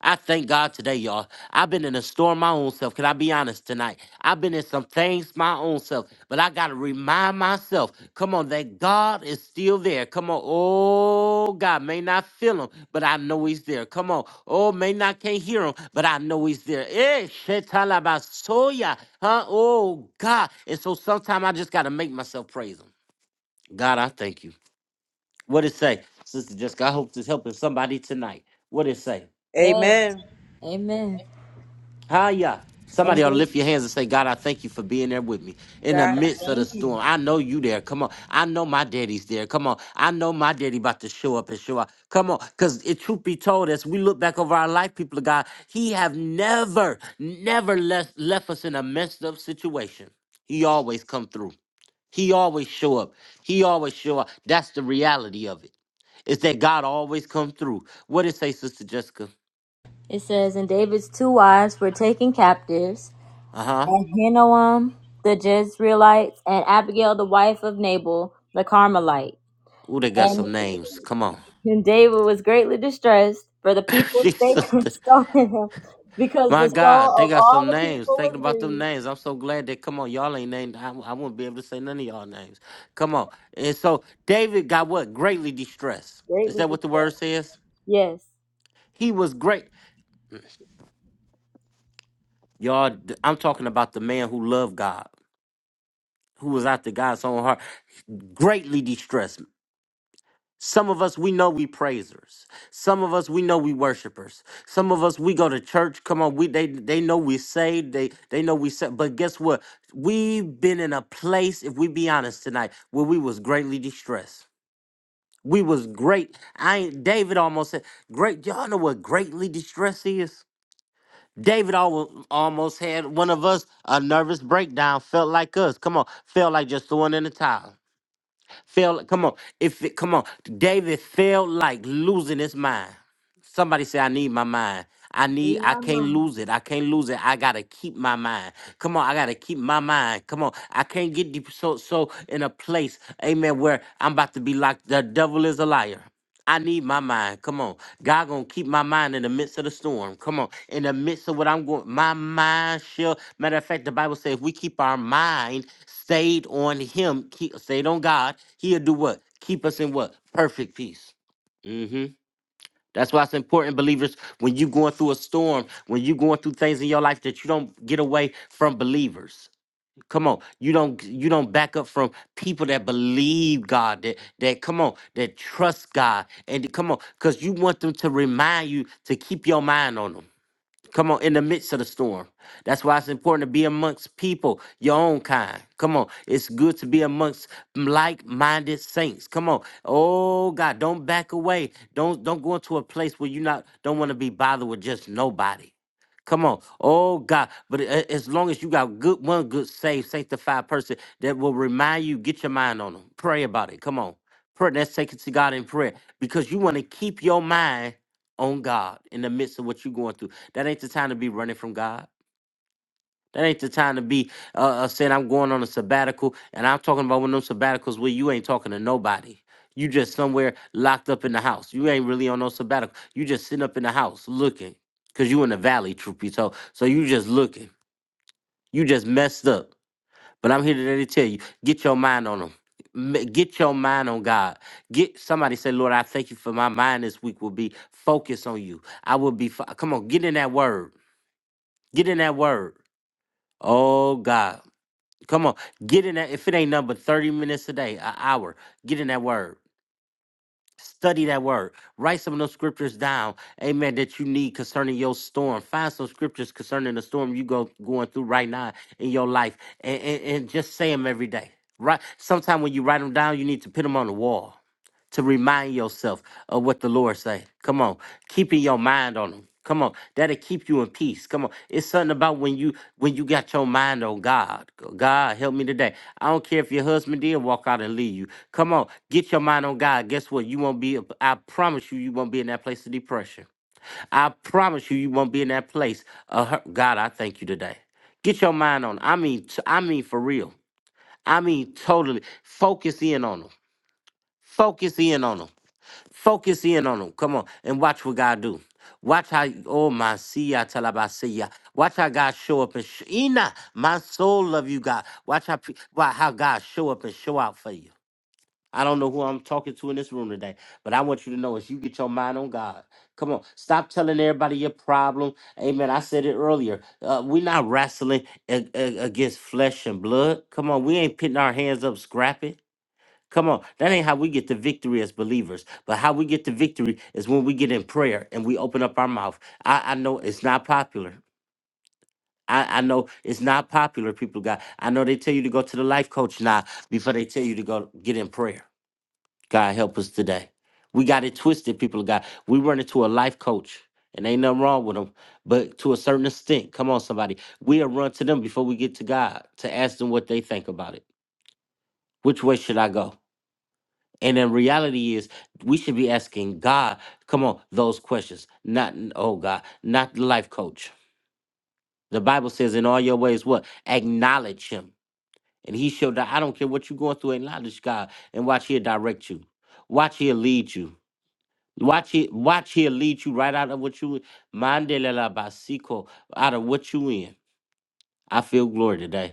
[SPEAKER 1] I thank God today, y'all. I've been in a storm my own self. Can I be honest tonight? I've been in some things my own self, but I got to remind myself, come on, that God is still there. Come on. Oh, God may not feel him, but I know he's there. Come on. Oh, may not can't hear him, but I know he's there. Eh, shetalabasoya. Huh? Oh, God. And so sometimes I just got to make myself praise him. God, I thank you. What it say? Sister Jessica, I hope this helping somebody tonight. What it say?
[SPEAKER 2] begged.
[SPEAKER 3] Amen.
[SPEAKER 2] Amen.
[SPEAKER 1] Hiya.
[SPEAKER 2] And
[SPEAKER 1] Somebody ought to
[SPEAKER 2] David,
[SPEAKER 1] lift your hands and say, God, I thank you for being there with me in the
[SPEAKER 2] God,
[SPEAKER 3] God,
[SPEAKER 1] midst of the
[SPEAKER 2] thank you.
[SPEAKER 1] storm. I know you there. Come on. I know my daddy's there. Come on. I know my daddy about to show up and show up. Come on. Because it truth be told, as we look back over our life, people of God, he have never, never left, left us in a messed up situation. He always come through. He always show up. He always show up. That's the reality of it. Is that God always come through. What did it say, Sister Jessica?
[SPEAKER 2] It says, And David's two wives were taken captives,
[SPEAKER 1] Uh-huh.
[SPEAKER 2] and Hinoam the Jezreelites, and Abigail the wife of Nabal the Carmelite.
[SPEAKER 1] Ooh, they got some
[SPEAKER 2] and.
[SPEAKER 1] names. Come on.
[SPEAKER 2] And David was greatly distressed, for the people spake
[SPEAKER 1] Jesus,
[SPEAKER 2] and
[SPEAKER 1] th-
[SPEAKER 2] stoned him, because
[SPEAKER 1] my
[SPEAKER 2] the soul
[SPEAKER 1] God, they
[SPEAKER 2] of
[SPEAKER 1] got some
[SPEAKER 2] all the
[SPEAKER 1] names.
[SPEAKER 2] people
[SPEAKER 1] Thinking
[SPEAKER 2] was
[SPEAKER 1] about them
[SPEAKER 2] grieved,
[SPEAKER 1] names, I'm so glad that. Come on, y'all ain't named. I, I wouldn't be able to say none of y'all names. Come on. And so David got what? Greatly distressed. Is
[SPEAKER 2] greatly
[SPEAKER 1] that what the word
[SPEAKER 2] distressed.
[SPEAKER 1] says?
[SPEAKER 2] Yes,
[SPEAKER 1] He was great. Y'all, th- I'm talking about the man who loved God, who was after God's own heart. Greatly distressed. Some of us, we know we praisers. Some of us, we know we worshipers. Some of us, we go to church. Come on, we they they know we saved. They they know we saved. But guess what? We've been in a place, if we be honest tonight, where we was greatly distressed. We was great. I ain't David almost said, great. Y'all know what greatly distressed is? David al- almost had one of us a nervous breakdown, felt like us. Come on, felt like just throwing in the towel. Felt come on, if it come on, David felt like losing his mind. Somebody say, I need my mind. I need,
[SPEAKER 2] be
[SPEAKER 1] I
[SPEAKER 2] my
[SPEAKER 1] can't
[SPEAKER 2] mom.
[SPEAKER 1] lose it. I can't lose it. I gotta keep my mind. Come on, I gotta keep my mind. Come on, I can't get deep so so in a place, amen, where I'm about to be like the devil is a liar. I need my mind. Come on. God gonna keep my mind in the midst of the storm. Come on. In the midst of what I'm going, my mind shall. Matter of fact, the Bible says if we keep our mind stayed on him, keep stayed on God, he'll do what? Keep us in what? Perfect peace. hmm That's why it's important, believers, when you going through a storm, when you going through things in your life that you don't get away from believers. Come on, you don't you don't back up from people that believe God, that that come on, that trust God, and come on, because you want them to remind you to keep your mind on them. Come on, in the midst of the storm. That's why it's important to be amongst people, your own kind. Come on, it's good to be amongst like-minded saints. Come on, oh God, don't back away. Don't don't go into a place where you not don't want to be bothered with just nobody. Come on, oh God. But a- as long as you got good one good saved sanctified person that will remind you, get your mind on them. Pray about it. Come on, pray. Let's take it to God in prayer because you want to keep your mind on God in the midst of what you're going through. That ain't the time to be running from God. That ain't the time to be uh, uh, saying I'm going on a sabbatical. And I'm talking about one of those sabbaticals where you ain't talking to nobody. You just somewhere locked up in the house. You ain't really on no sabbatical. You just sitting up in the house looking, cause you in the valley, truth be told. So you just looking. You just messed up. But I'm here today to tell you, get your mind on them. Get your mind on God. Get somebody say, Lord, I thank you for my mind this week will be focused on you. I will be, fo- come on, get in that word. Get in that word. Oh, God. Come on, get in that. If it ain't number 30 minutes a day, an hour, get in that word. Study that word. Write some of those scriptures down, amen, that you need concerning your storm. Find some scriptures concerning the storm you go going through right now in your life and, and, and just say them every day. Right. Sometimes when you write them down, you need to put them on the wall to remind yourself of what the Lord say. Come on, keeping your mind on Him. Come on, that'll keep you in peace. Come on, it's something about when you when you got your mind on God. Go, God, help me today. I don't care if your husband did walk out and leave you. Come on, get your mind on God. Guess what? You won't be. I promise you, you won't be in that place of depression. I promise you, you won't be in that place. Of hurt. God, I thank you today. Get your mind on. I mean, t- I mean for real. I mean totally. Focus in on them. Focus in on them. Focus in on them. Come on. And watch what God do. Watch how, oh my siya talabasiya. Watch how God show up and sh- Ina, my soul love you, God. Watch how, pe- why- how God show up and show out for you. I don't know who I'm talking to in this room today, but I want you to know as you get your mind on God. Come on, stop telling everybody your problem. Amen. I said it earlier. Uh, we're not wrestling a- a- against flesh and blood. Come on, we ain't putting our hands up, scrapping. Come on, that ain't how we get to victory as believers. But how we get to victory is when we get in prayer and we open up our mouth. I, I know it's not popular. I, I know it's not popular, people of God. I know they tell you to go to the life coach now before they tell you to go get in prayer. God help us today. We got it twisted, people of God. We run into a life coach, and ain't nothing wrong with them, but to a certain extent, come on, somebody, we'll run to them before we get to God to ask them what they think about it. Which way should I go? And the reality is, we should be asking God, come on, those questions, not, oh God, not the life coach. The Bible says, in all your ways, what? Acknowledge Him. And He shall, di- I don't care what you're going through, acknowledge God and watch He'll direct you. Watch He'll lead you. Watch it, watch He'll lead you right out of what you Mandela la basiko, out of what you in. I feel glory today.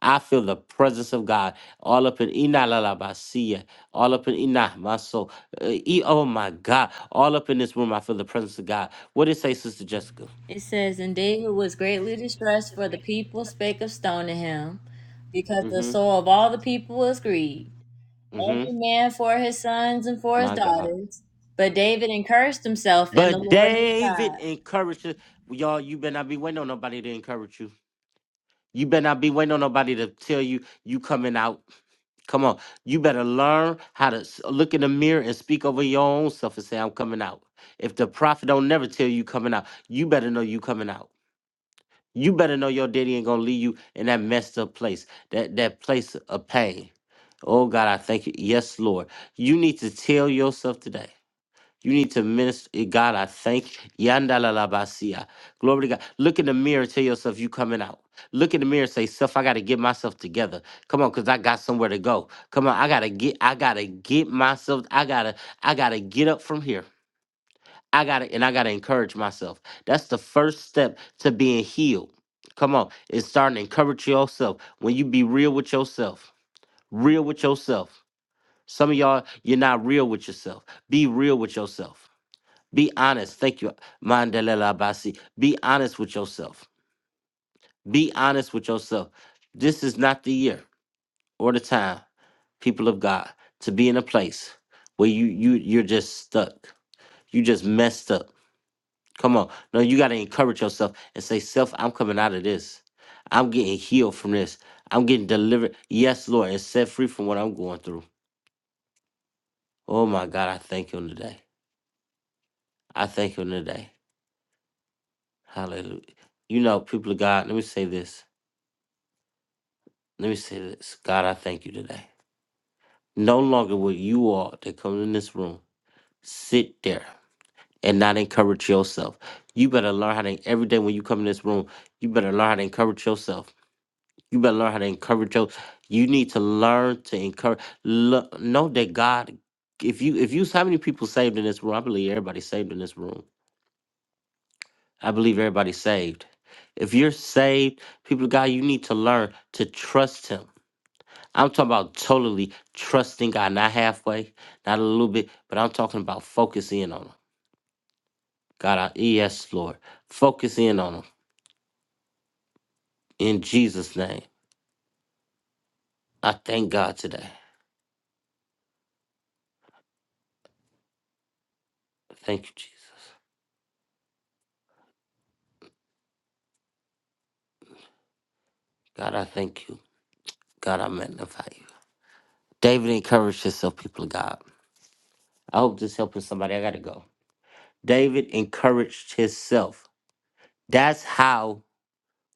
[SPEAKER 1] I feel the presence of God all up in Ina la la ba siya, all up in Ina my soul. Uh, e- oh my God, all up in this room, I feel the presence of God. What did it say, Sister Jessica?
[SPEAKER 2] It says, And David was greatly distressed, for the people spake of stoning him, because the
[SPEAKER 1] Mm-hmm.
[SPEAKER 2] soul of all the people was grieved,
[SPEAKER 1] Mm-hmm.
[SPEAKER 2] every man for his sons and for his
[SPEAKER 1] My God.
[SPEAKER 2] daughters. But David encouraged himself in the
[SPEAKER 1] But
[SPEAKER 2] Lord his
[SPEAKER 1] David
[SPEAKER 2] God.
[SPEAKER 1] encouraged us- y'all. You better not be waiting on nobody to encourage you. You better not be waiting on nobody to tell you you coming out. Come on, you better learn how to s- look in the mirror and speak over your own self and say, "I'm coming out." If the prophet don't never tell you coming out, you better know you coming out. You better know your daddy ain't gonna leave you in that messed up place, that that place of pain. Oh God, I thank you. Yes, Lord. You need to tell yourself today. You need to minister. eh, God, I thank you. Yandalalabasia. Glory to God. Look in the mirror, and tell yourself you coming out. Look in the mirror and say, self, I gotta get myself together. Come on, cause I got somewhere to go. Come on, I gotta get, I gotta get myself, I gotta, I gotta get up from here. I gotta and I gotta encourage myself. That's the first step to being healed. Come on, it's starting to encourage yourself. When you be real with yourself, real with yourself. Some of y'all, you're not real with yourself. Be real with yourself. Be honest. Thank you, Mandela Abasi. Be honest with yourself. Be honest with yourself. This is not the year or the time, people of God, to be in a place where you you you're just stuck. You just messed up Come on. No, you got to encourage yourself and say, Self, I'm coming out of this. I'm getting healed from this. I'm getting delivered. Yes, Lord, and set free from what I'm going through. Oh, my God. I thank you on today. I thank you on today. Hallelujah. You know, people of God, let me say this. Let me say this. God, I thank you today. No longer will you all that come in this room sit there and not encourage yourself. You better learn how to, every day when you come in this room, you better learn how to encourage yourself. You better learn how to encourage your. You need to learn to encourage. Lo- know that God. If you if you how many people saved in this room? I believe everybody's saved in this room. I believe everybody's saved. If you're saved, people of God, you need to learn to trust Him. I'm talking about totally trusting God, not halfway, not a little bit, but I'm talking about focus in on Him. God, I, yes, Lord, focus in on Him in Jesus' name. I thank God today. Thank you, Jesus. God, I thank you. God, I magnify you. David encouraged himself, people of God. I hope this helping somebody. I gotta go. David encouraged himself. That's how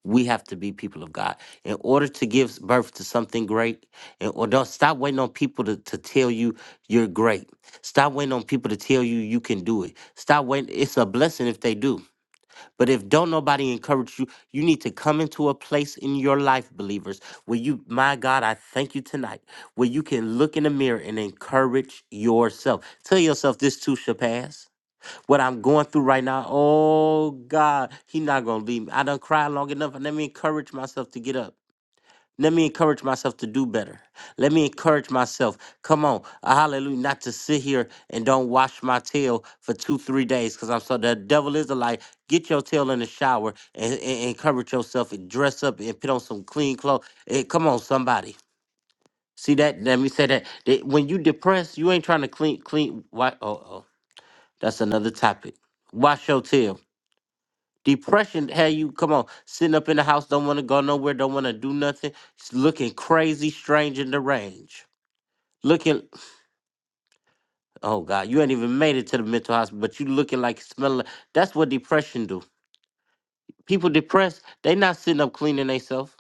[SPEAKER 1] we have to be people of God. In order to give birth to something great, and or don't stop waiting on people to, to tell you you're great. Stop waiting on people to tell you you can do it. Stop waiting. It's a blessing if they do. But if don't nobody encourage you, you need to come into a place in your life, believers, where you, my God, I thank you tonight, where you can look in the mirror and encourage yourself. Tell yourself this too shall pass. What I'm going through right now, oh God, He not gonna leave me. I done cried long enough. Let me encourage myself to get up. Let me encourage myself to do better. Let me encourage myself. Come on, uh, hallelujah, not to sit here and don't wash my tail for two, three days because I'm so the devil is a lie. Get your tail in the shower and, and, and encourage yourself and dress up and put on some clean clothes. Eh, come on, somebody. See that? Let me say that. that when you depressed, you ain't trying to clean, clean. Why? Oh, oh, that's another topic. Wash your tail. Depression had you come on sitting up in the house, don't want to go nowhere, don't want to do nothing, s- looking crazy, strange, and deranged. Looking, oh God, you ain't even made it to the mental hospital, but you looking like smelling. like- That's what depression do. People depressed, they not sitting up cleaning themselves.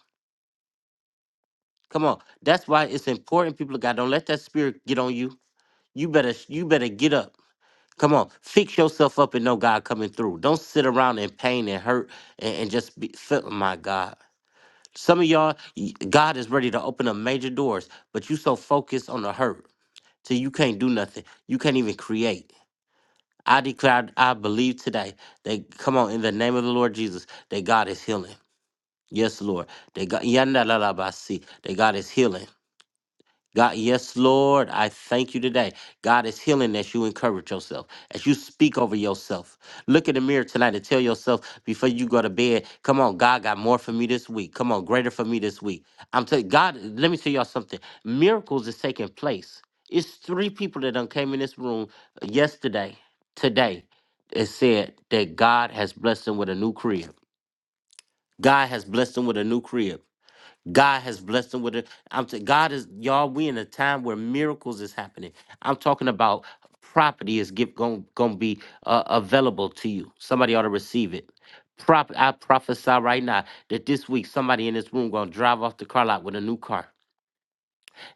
[SPEAKER 1] Come on, that's why it's important. People of God, don't let that spirit get on you. You better, you better get up. Come on, fix yourself up and know God coming through. Don't sit around in pain and hurt and, and just be. feel- My God. Some of y'all, y- God is ready to open up major doors, but you so focused on the hurt till you can't do nothing. You can't even create. I declare, I believe today that come on in the name of the Lord Jesus that God is healing. Yes, Lord. That God, Yanda la la ba si, that God is healing. God, yes, Lord, I thank you today. God is healing as you encourage yourself, as you speak over yourself. Look in the mirror tonight and tell yourself before you go to bed, come on, God got more for me this week. Come on, greater for me this week. I'm telling God, let me tell y'all something. Miracles is taking place. It's three people that done came in this room yesterday, today, and said that God has blessed them with a new crib. God has blessed them with a new crib. God has blessed them with it. I'm t- God is y'all. We in a time where miracles is happening. I'm talking about property is get going to be uh, available to you. Somebody ought to receive it. Prop, I prophesy right now that this week somebody in this room gonna drive off the car lot with a new car.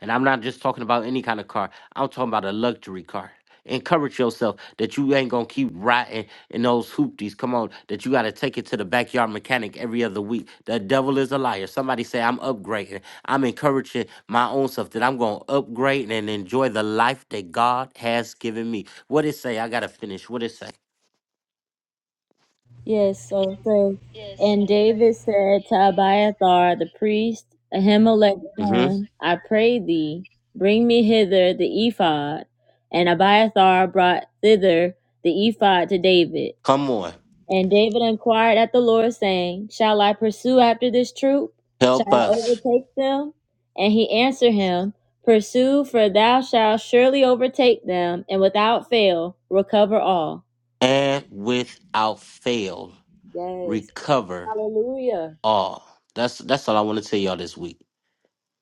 [SPEAKER 1] And I'm not just talking about any kind of car. I'm talking about a luxury car. Encourage yourself that you ain't gonna keep riding in those hoopties. Come on, that you gotta take it to the backyard mechanic every other week. The devil is a liar. Somebody say I'm upgrading. I'm encouraging my own self that I'm gonna upgrade and enjoy the life that God has given me. What it say? I gotta finish. What it say?
[SPEAKER 2] Yes, so so and David said to Abiathar the priest, Ahimelech's
[SPEAKER 1] Mm-hmm.
[SPEAKER 2] son, I pray thee, bring me hither the ephod. And Abiathar brought thither the ephod to David.
[SPEAKER 1] Come on,
[SPEAKER 2] And David inquired at the Lord, saying, Shall I pursue after this troop? Shall
[SPEAKER 1] help
[SPEAKER 2] I
[SPEAKER 1] us
[SPEAKER 2] overtake them? And he answered him, Pursue, for thou shalt surely overtake them, and without fail recover all.
[SPEAKER 1] and without fail
[SPEAKER 2] Yes.
[SPEAKER 1] recover
[SPEAKER 2] Hallelujah.
[SPEAKER 1] all. That's that's all I want to tell y'all this week.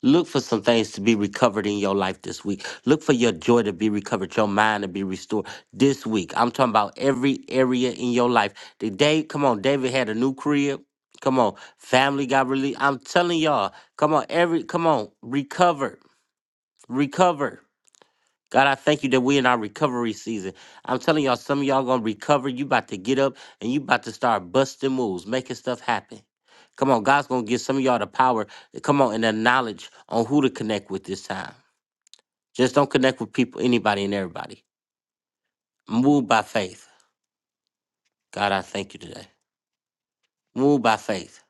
[SPEAKER 1] Look for some things to be recovered in your life this week. Look for your joy to be recovered, your mind to be restored this week. I'm talking about every area in your life. The day, come on, David had a new crib. Come on, family got released. I'm telling y'all, come on, every, come on, recover, recover. God, I thank you that we're in our recovery season. I'm telling y'all, some of y'all gonna recover. You about to get up and you about to start busting moves, making stuff happen. Come on, God's gonna give some of y'all the power. Come on, and the knowledge on who to connect with this time. Just don't connect with people, anybody and everybody. Move by faith. God, I thank you today. Move by faith.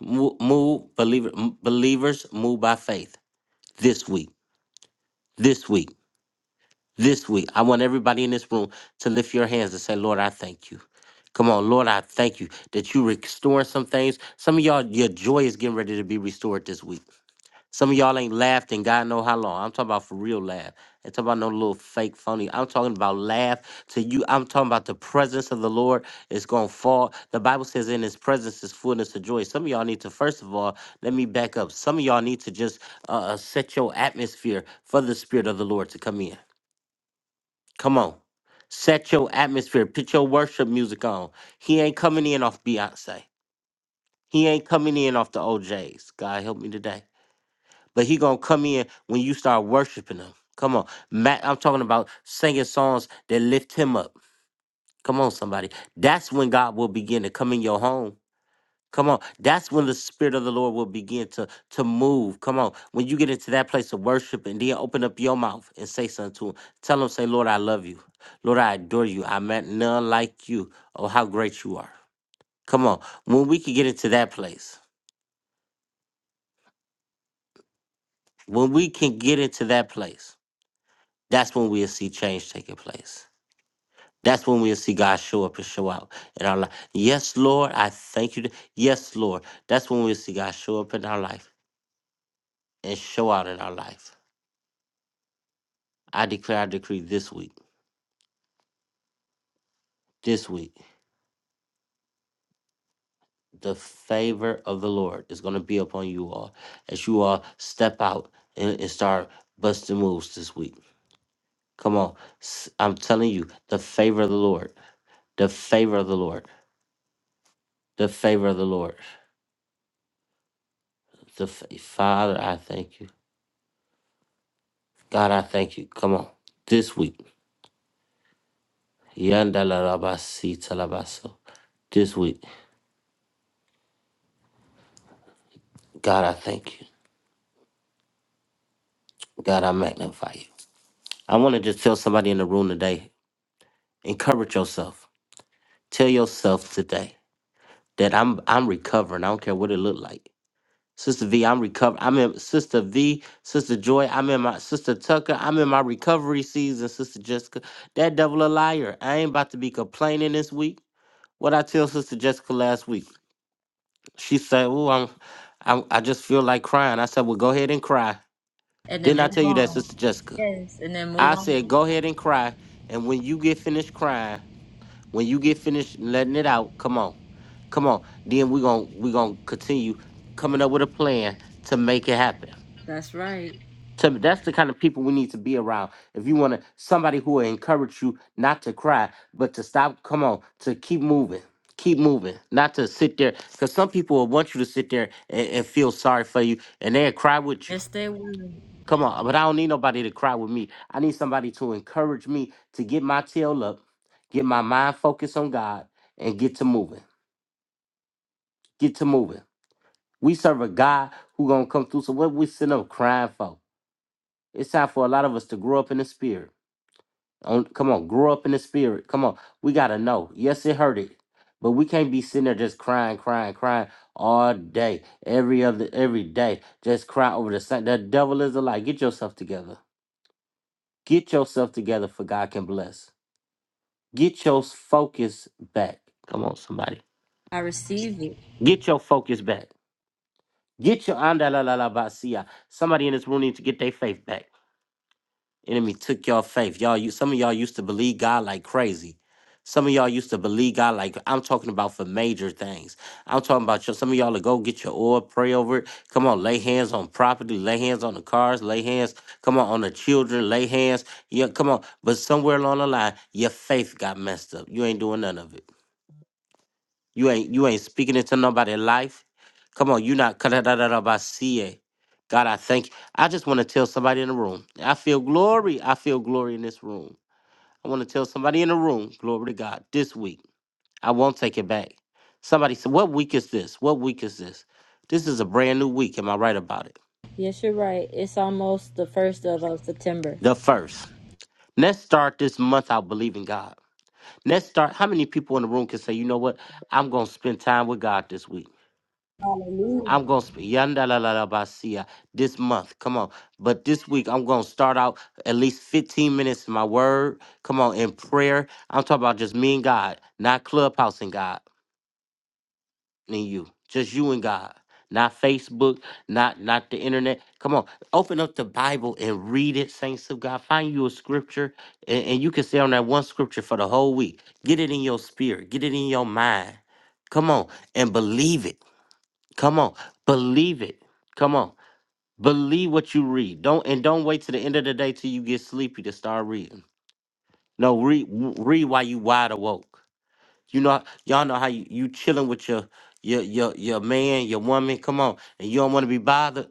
[SPEAKER 1] Move, move believer, m- believers, move by faith this week. This week. this week. I want everybody in this room to lift your hands and say, Lord, I thank you. Come on, Lord, I thank you that you restoring some things. Some of y'all, your joy is getting ready to be restored this week. Some of y'all ain't laughed in God know how long. I'm talking about for real laugh. I'm talking about no little fake phony. I'm talking about laugh to you. I'm talking about the presence of the Lord is gonna fall. The Bible says in his presence is fullness of joy. Some of y'all need to, first of all, let me back up. Some of y'all need to just uh, uh, set your atmosphere for the spirit of the Lord to come in. Come on. Set your atmosphere. Put your worship music on. He ain't coming in off Beyonce. He ain't coming in off the OJs. God help me today. But he gonna come in when you start worshiping him. Come on. Matt, I'm talking about singing songs that lift him up. Come on, somebody. That's when God will begin to come in your home. Come on. That's when the Spirit of the Lord will begin to, to move. Come on. When you get into that place of worship and then open up your mouth and say something to him. Tell him, say, Lord, I love you. Lord, I adore you. I met none like you. Oh, how great you are. Come on. When we can get into that place, when we can get into that place, that's when we'll see change taking place. That's when we'll see God show up and show out in our life. Yes, Lord, I thank you. Yes, Lord. That's when we'll see God show up in our life and show out in our life. I declare, I decree this week, this week, the favor of the Lord is going to be upon you all as you all step out and, and start busting moves this week. Come on. S- I'm telling you, the favor of the Lord, the favor of the Lord, the favor of the Lord. The fa- Father, I thank you. God, I thank you. Come on. This week. Yandalarabasi talabaso. This week. God, I thank you. God, I magnify you. I want to just tell somebody in the room today encourage yourself. Tell yourself today that I'm I'm recovering. I don't care what it looked like. Sister V, I'm recovering. I'm in Sister V, Sister Joy, I'm in my Sister Tucker, I'm in my recovery season, Sister Jessica. That devil a liar. I ain't about to be complaining this week. What I tell Sister Jessica last week, she said, Oh, I'm, I'm I just feel like crying. I said, Well, go ahead and cry.
[SPEAKER 2] And then
[SPEAKER 1] Didn't I
[SPEAKER 2] move
[SPEAKER 1] tell you that, Sister Jessica?
[SPEAKER 2] Yes, and then move
[SPEAKER 1] I
[SPEAKER 2] on.
[SPEAKER 1] said, Go ahead and cry. And when you get finished crying, When you get finished letting it out, come on. Come on. Then we're going we going to continue coming up with a plan to make it happen.
[SPEAKER 2] That's right.
[SPEAKER 1] To, me, that's the kind of people we need to be around. If you want to somebody who will encourage you not to cry, but to stop, come on, to keep moving. Keep moving, not to sit there, because some people will want you to sit there and, and feel sorry for you, and they'll cry with you
[SPEAKER 2] Yes, they will.
[SPEAKER 1] Come on, but I don't need nobody to cry with me. I need somebody to encourage me to get my tail up, get my mind focused on God, and get to moving. Get to moving. We serve a God who gonna come through. So what we sitting up crying for? It's time for a lot of us to grow up in the spirit. On, come on, grow up in the spirit. Come on, we gotta know. Yes, it hurted, but we can't be sitting there just crying, crying, crying all day, every other, every day, just crying over the same. The devil is a lie. Get yourself together. Get yourself together for God can bless. Get your focus back. Come on, somebody.
[SPEAKER 2] I receive it.
[SPEAKER 1] Get your focus back. Get your andalalabasia. Somebody in this room needs to get their faith back. Enemy took your faith. Y'all, you some of y'all used to believe God like crazy. Some of y'all used to believe God like I'm talking about for major things. I'm talking about your, some of y'all to go get your oil, pray over it. Come on, lay hands on property, lay hands on the cars, lay hands. Come on on the children, lay hands. Yeah, come on. But somewhere along the line, your faith got messed up. You ain't doing none of it. You ain't you ain't speaking into nobody's life. Come on, you not kadadadadabasie. God, I thank you. I just want to tell somebody in the room. I feel glory. I feel glory in this room. I want to tell somebody in the room, glory to God, this week. I won't take it back. Somebody said, What week is this? What week is this? This is a brand new week. Am I right about it?
[SPEAKER 2] Yes, you're right. It's almost the first of uh, September.
[SPEAKER 1] The first. Let's start this month out believing God. Let's start. How many people in the room can say, you know what? I'm going to spend time with God this week? I'm gonna sp- yanda la la la basia this month. Come on, but this week I'm gonna start out at least 15 minutes in my word. Come on, in prayer. I'm talking about just me and God, not clubhouse and God and you, just you and God, not Facebook, not not the internet. Come on, open up the Bible and read it, saints of God. Find you a scripture, and, and you can stay on that one scripture for the whole week. Get it in your spirit, get it in your mind. Come on, and believe it. Come on, believe it. Come on. Believe what you read. Don't and don't wait to the end of the day till you get sleepy to start reading. No, read w- read while you wide awake. You know y'all know how you, you chilling with your your your your man, your woman. Come on, and you don't want to be bothered.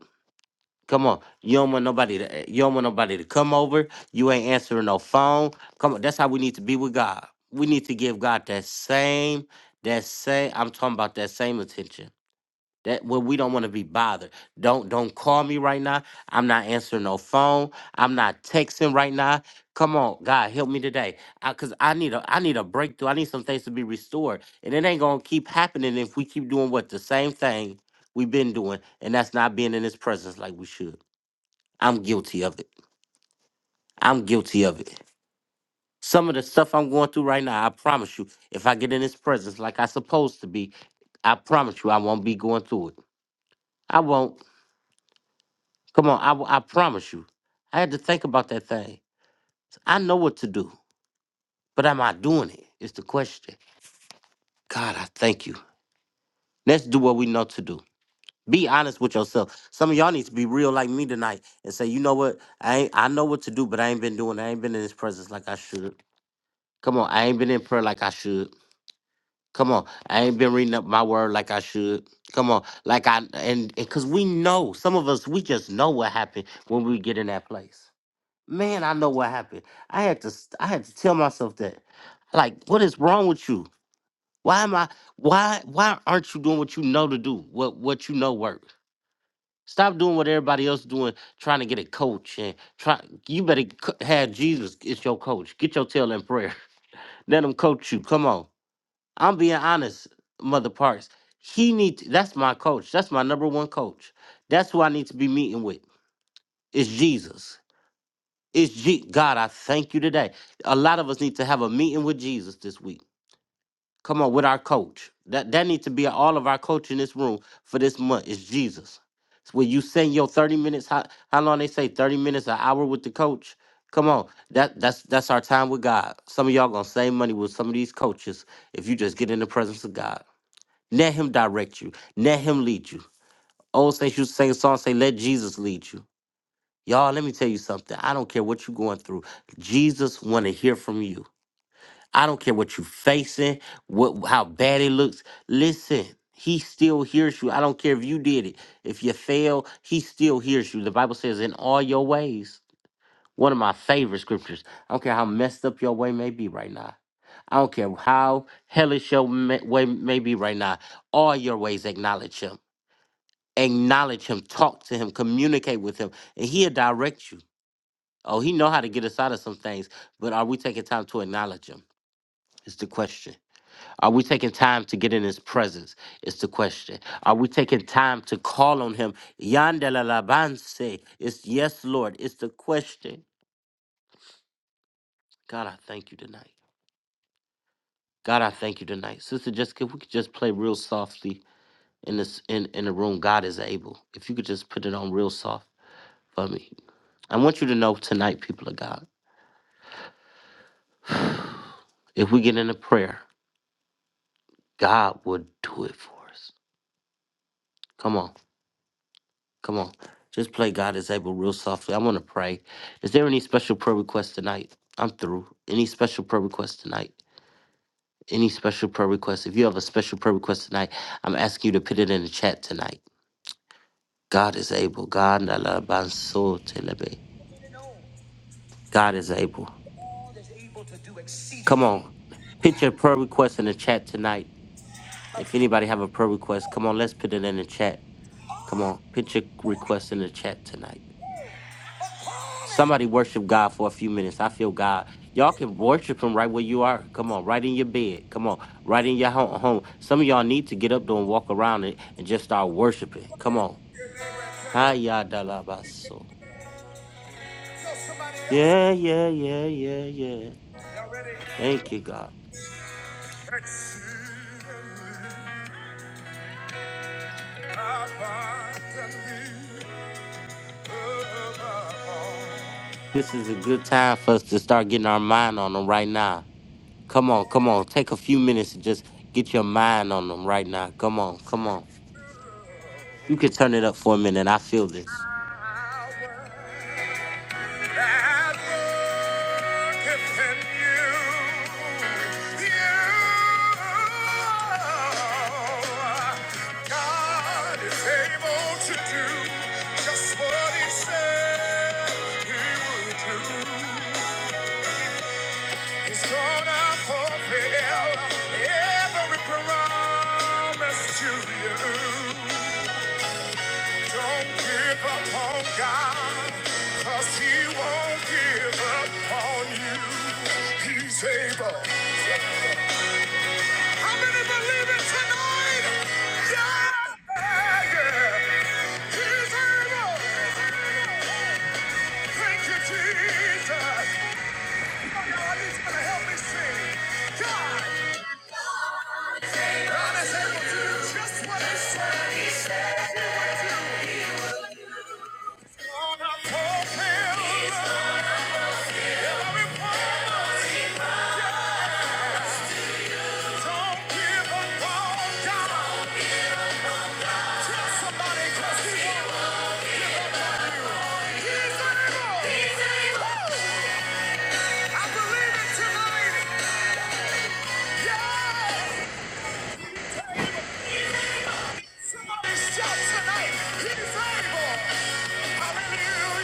[SPEAKER 1] Come on, you don't want nobody to eh, you don't want nobody to come over. You ain't answering no phone. Come on, that's how we need to be with God. We need to give God that same that same. I'm talking about that same attention that where we don't want to be bothered. Don't don't call me right now. I'm not answering no phone. I'm not texting right now. Come on, God help me today, I, cause I need a I need a breakthrough. I need some things to be restored, and it ain't gonna keep happening if we keep doing what the same thing we've been doing, and that's not being in His presence like we should. I'm guilty of it. I'm guilty of it. Some of the stuff I'm going through right now, I promise you, if I get in His presence like I supposed to be, I promise you, I won't be going through it. I won't. Come on, I, w- I promise you. I had to think about that thing. I know what to do, but am I doing it? It's the question. God, I thank you. Let's do what we know to do. Be honest with yourself. Some of y'all need to be real like me tonight and say, you know what? I ain't, I know what to do, but I ain't been doing. it. I ain't been in His presence like I should. Come on, I ain't been in prayer like I should. Come on, I ain't been reading up my word like I should. Come on, like I and because we know some of us, we just know what happened when we get in that place. Man, I know what happened. I had to st- I had to tell myself that. Like, what is wrong with you? Why am I why why aren't you doing what you know to do? What what you know works. Stop doing what everybody else doing, trying to get a coach and try you better c- have Jesus as your coach. Get your tail in prayer. Let him coach you. Come on. I'm being honest, Mother Parks. He need that's my coach. That's my number one coach. That's who I need to be meeting with. It's Jesus. It's G. God, I thank you today. A lot of us need to have a meeting with Jesus this week. Come on, with our coach. That that needs to be all of our coach in this room for this month. It's Jesus. It's where you send your 30 minutes, how, how long they say, 30 minutes, an hour with the coach. Come on. That that's that's our time with God. Some of y'all gonna save money with some of these coaches if you just get in the presence of God. Let him direct you. Let him lead you. Old saints used to sing a song, say, let Jesus lead you. Y'all, let me tell you something. I don't care what you're going through. Jesus want to hear from you. I don't care what you're facing, what how bad it looks. Listen, he still hears you. I don't care if you did it. If you fail, he still hears you. The Bible says, in all your ways. One of my favorite scriptures. I don't care how messed up your way may be right now. I don't care how hellish your ma- way may be right now. All your ways acknowledge him. Acknowledge him. Talk to him. Communicate with him. And he'll direct you. Oh, he know how to get us out of some things, but are we taking time to acknowledge him? It's the question. Are we taking time to get in his presence? It's the question. Are we taking time to call on him? Yandela labanse. It's yes, Lord. It's the question. God, I thank you tonight. God, I thank you tonight. Sister Jessica, if we could just play real softly in this in, in the room. God is able. If you could just put it on real soft for me. I want you to know tonight, people of God, if we get into prayer, God will do it for us. Come on. Come on. Just play God is able real softly. I want to pray. Is there any special prayer request tonight? I'm through. Any special prayer request tonight? Any special prayer request? If you have a special prayer request tonight, I'm asking you to put it in the chat tonight. God is able. God na la ban so telebe. God is able.
[SPEAKER 2] God is able to do
[SPEAKER 1] Come
[SPEAKER 2] exceedingly.
[SPEAKER 1] on. Put your prayer request in the chat tonight. If anybody have a prayer request, come on, let's put it in the chat. Come on, put your request in the chat tonight. Somebody worship God for a few minutes. I feel God. Y'all can worship Him right where you are. Come on, right in your bed. Come on, right in your ho- home. Some of y'all need to get up, though, and walk around it and just start worshiping. Come on. Hi, Yadalabaso.
[SPEAKER 2] Somebody else,
[SPEAKER 1] Yeah, yeah, yeah, yeah, yeah.
[SPEAKER 2] y'all ready?
[SPEAKER 1] Thank you, God.
[SPEAKER 2] Exceedingly, abundantly, above all.
[SPEAKER 1] This is a good time for us to start getting our mind on them right now. Come on, come on. Take a few minutes and just get your mind on them right now. Come on, come on. You can turn it up for a minute. I feel this.
[SPEAKER 2] That worketh in you. You. God is able to do just what He said He would do. He's gonna fulfill every promise to you. Don't give up on God, cause he won't give up on you. He's able. How many believe it tonight? Yeah, yeah. He's able. Thank you, Jesus. Oh, God, He's going to help me sing. God, God is able to do just what he said. He said. I fulfill every promise. Don't give up on God. Somebody cause he won. I believe it tonight. Somebody shout tonight. He's able. Hallelujah.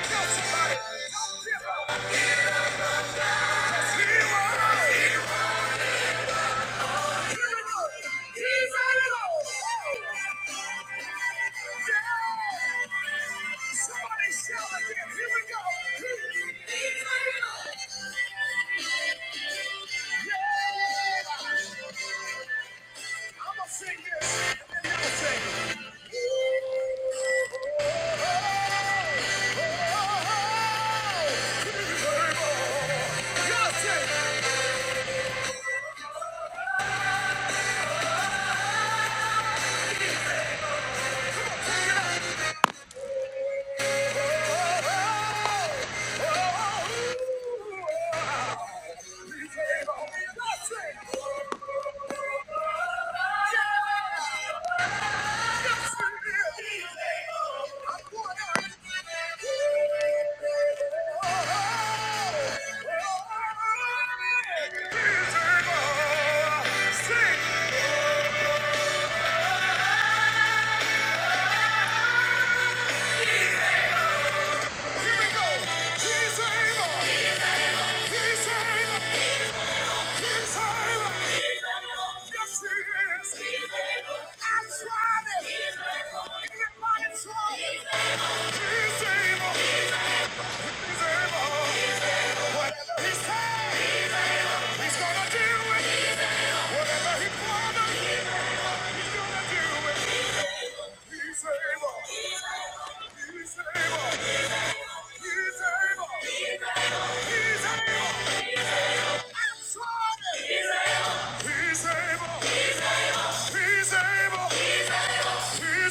[SPEAKER 2] Tell somebody. Don't give up. Give up. it Yeah. Somebody shout again. Here we go. Justin. He's able. He's able. He's able. He's able. Yes, he is. He's able. I tried it. He's able. Everybody, he's able. He's able. Whatever he said, he's able. He's gonna do it. Whatever he promised, he's gonna do it. He's able. He's able. He's able. He's able. He's able. He's able. He's able. He's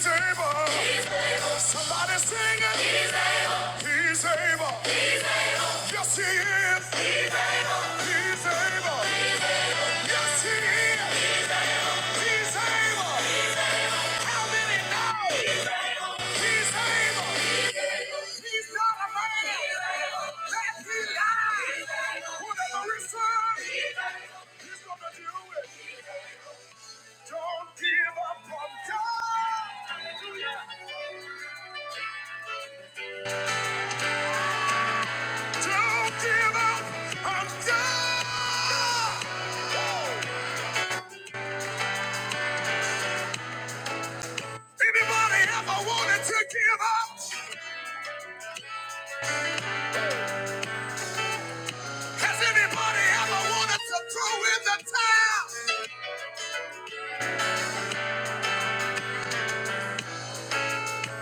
[SPEAKER 2] able. Somebody sing it. He's able. Yes, he is. He's able. Yes, he is. He's able. He's able. Don't give up. I'm done. Anybody ever wanted to give up? Has anybody ever wanted to throw in the towel?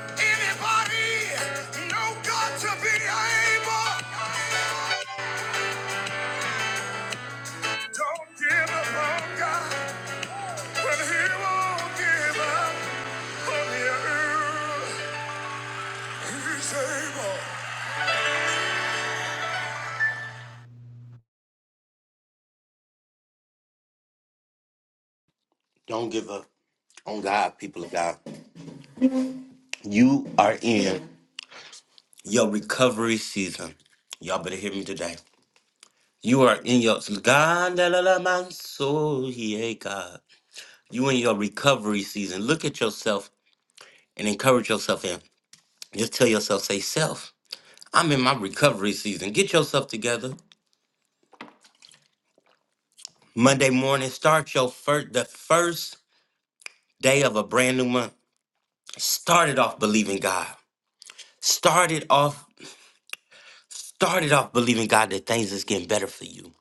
[SPEAKER 2] Anybody know God to be able? Don't give up on God, but He won't give up.
[SPEAKER 1] Don't give up on God, people of God. You are in your recovery season. Y'all better hear me today. You are in your God, la, la, la, man, so he ain't God. You in your recovery season. Look at yourself and encourage yourself in. Just tell yourself, say, self, I'm in my recovery season. Get yourself together. Monday morning, start your first the first day of a brand new month. Start it off believing God. Started off Started off believing God that things is getting better for you.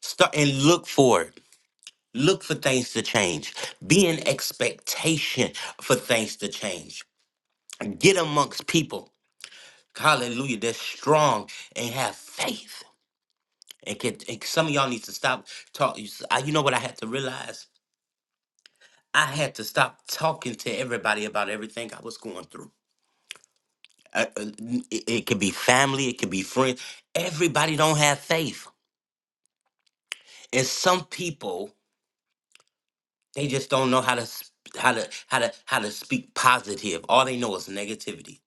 [SPEAKER 1] Start and look for it. Look for things to change. Be in expectation for things to change. Get amongst people. Hallelujah. That's strong and have faith. And, can, and some of y'all need to stop talking. You know what I had to realize? I had to stop talking to everybody about everything I was going through. Uh, uh, n- it, it could be family, it could be friends. Everybody don't have faith, and some people They just don't know how to sp- how to how to how to speak positive. All they know is negativity.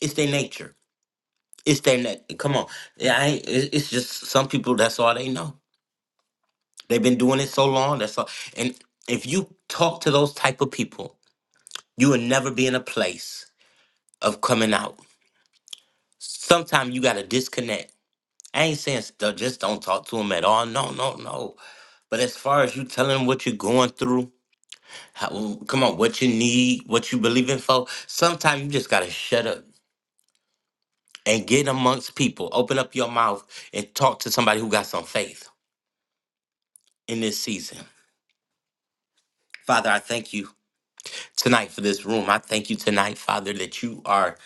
[SPEAKER 1] It's their nature. It's their neck. Come on, yeah. I ain't, it- it's just some people. That's all they know. They've been doing it so long. That's all. And if you talk to those type of people, you will never be in a place of coming out. Sometimes you got to disconnect. I ain't saying st- just don't talk to them at all. No, no, no. But as far as you telling 'em what you're going through How, come on, what you need, what you believing for. Sometimes you just gotta shut up and get amongst people. Open up your mouth and talk to somebody who got some faith in this season. Father, I thank you tonight for this room. I thank you tonight, Father, that you are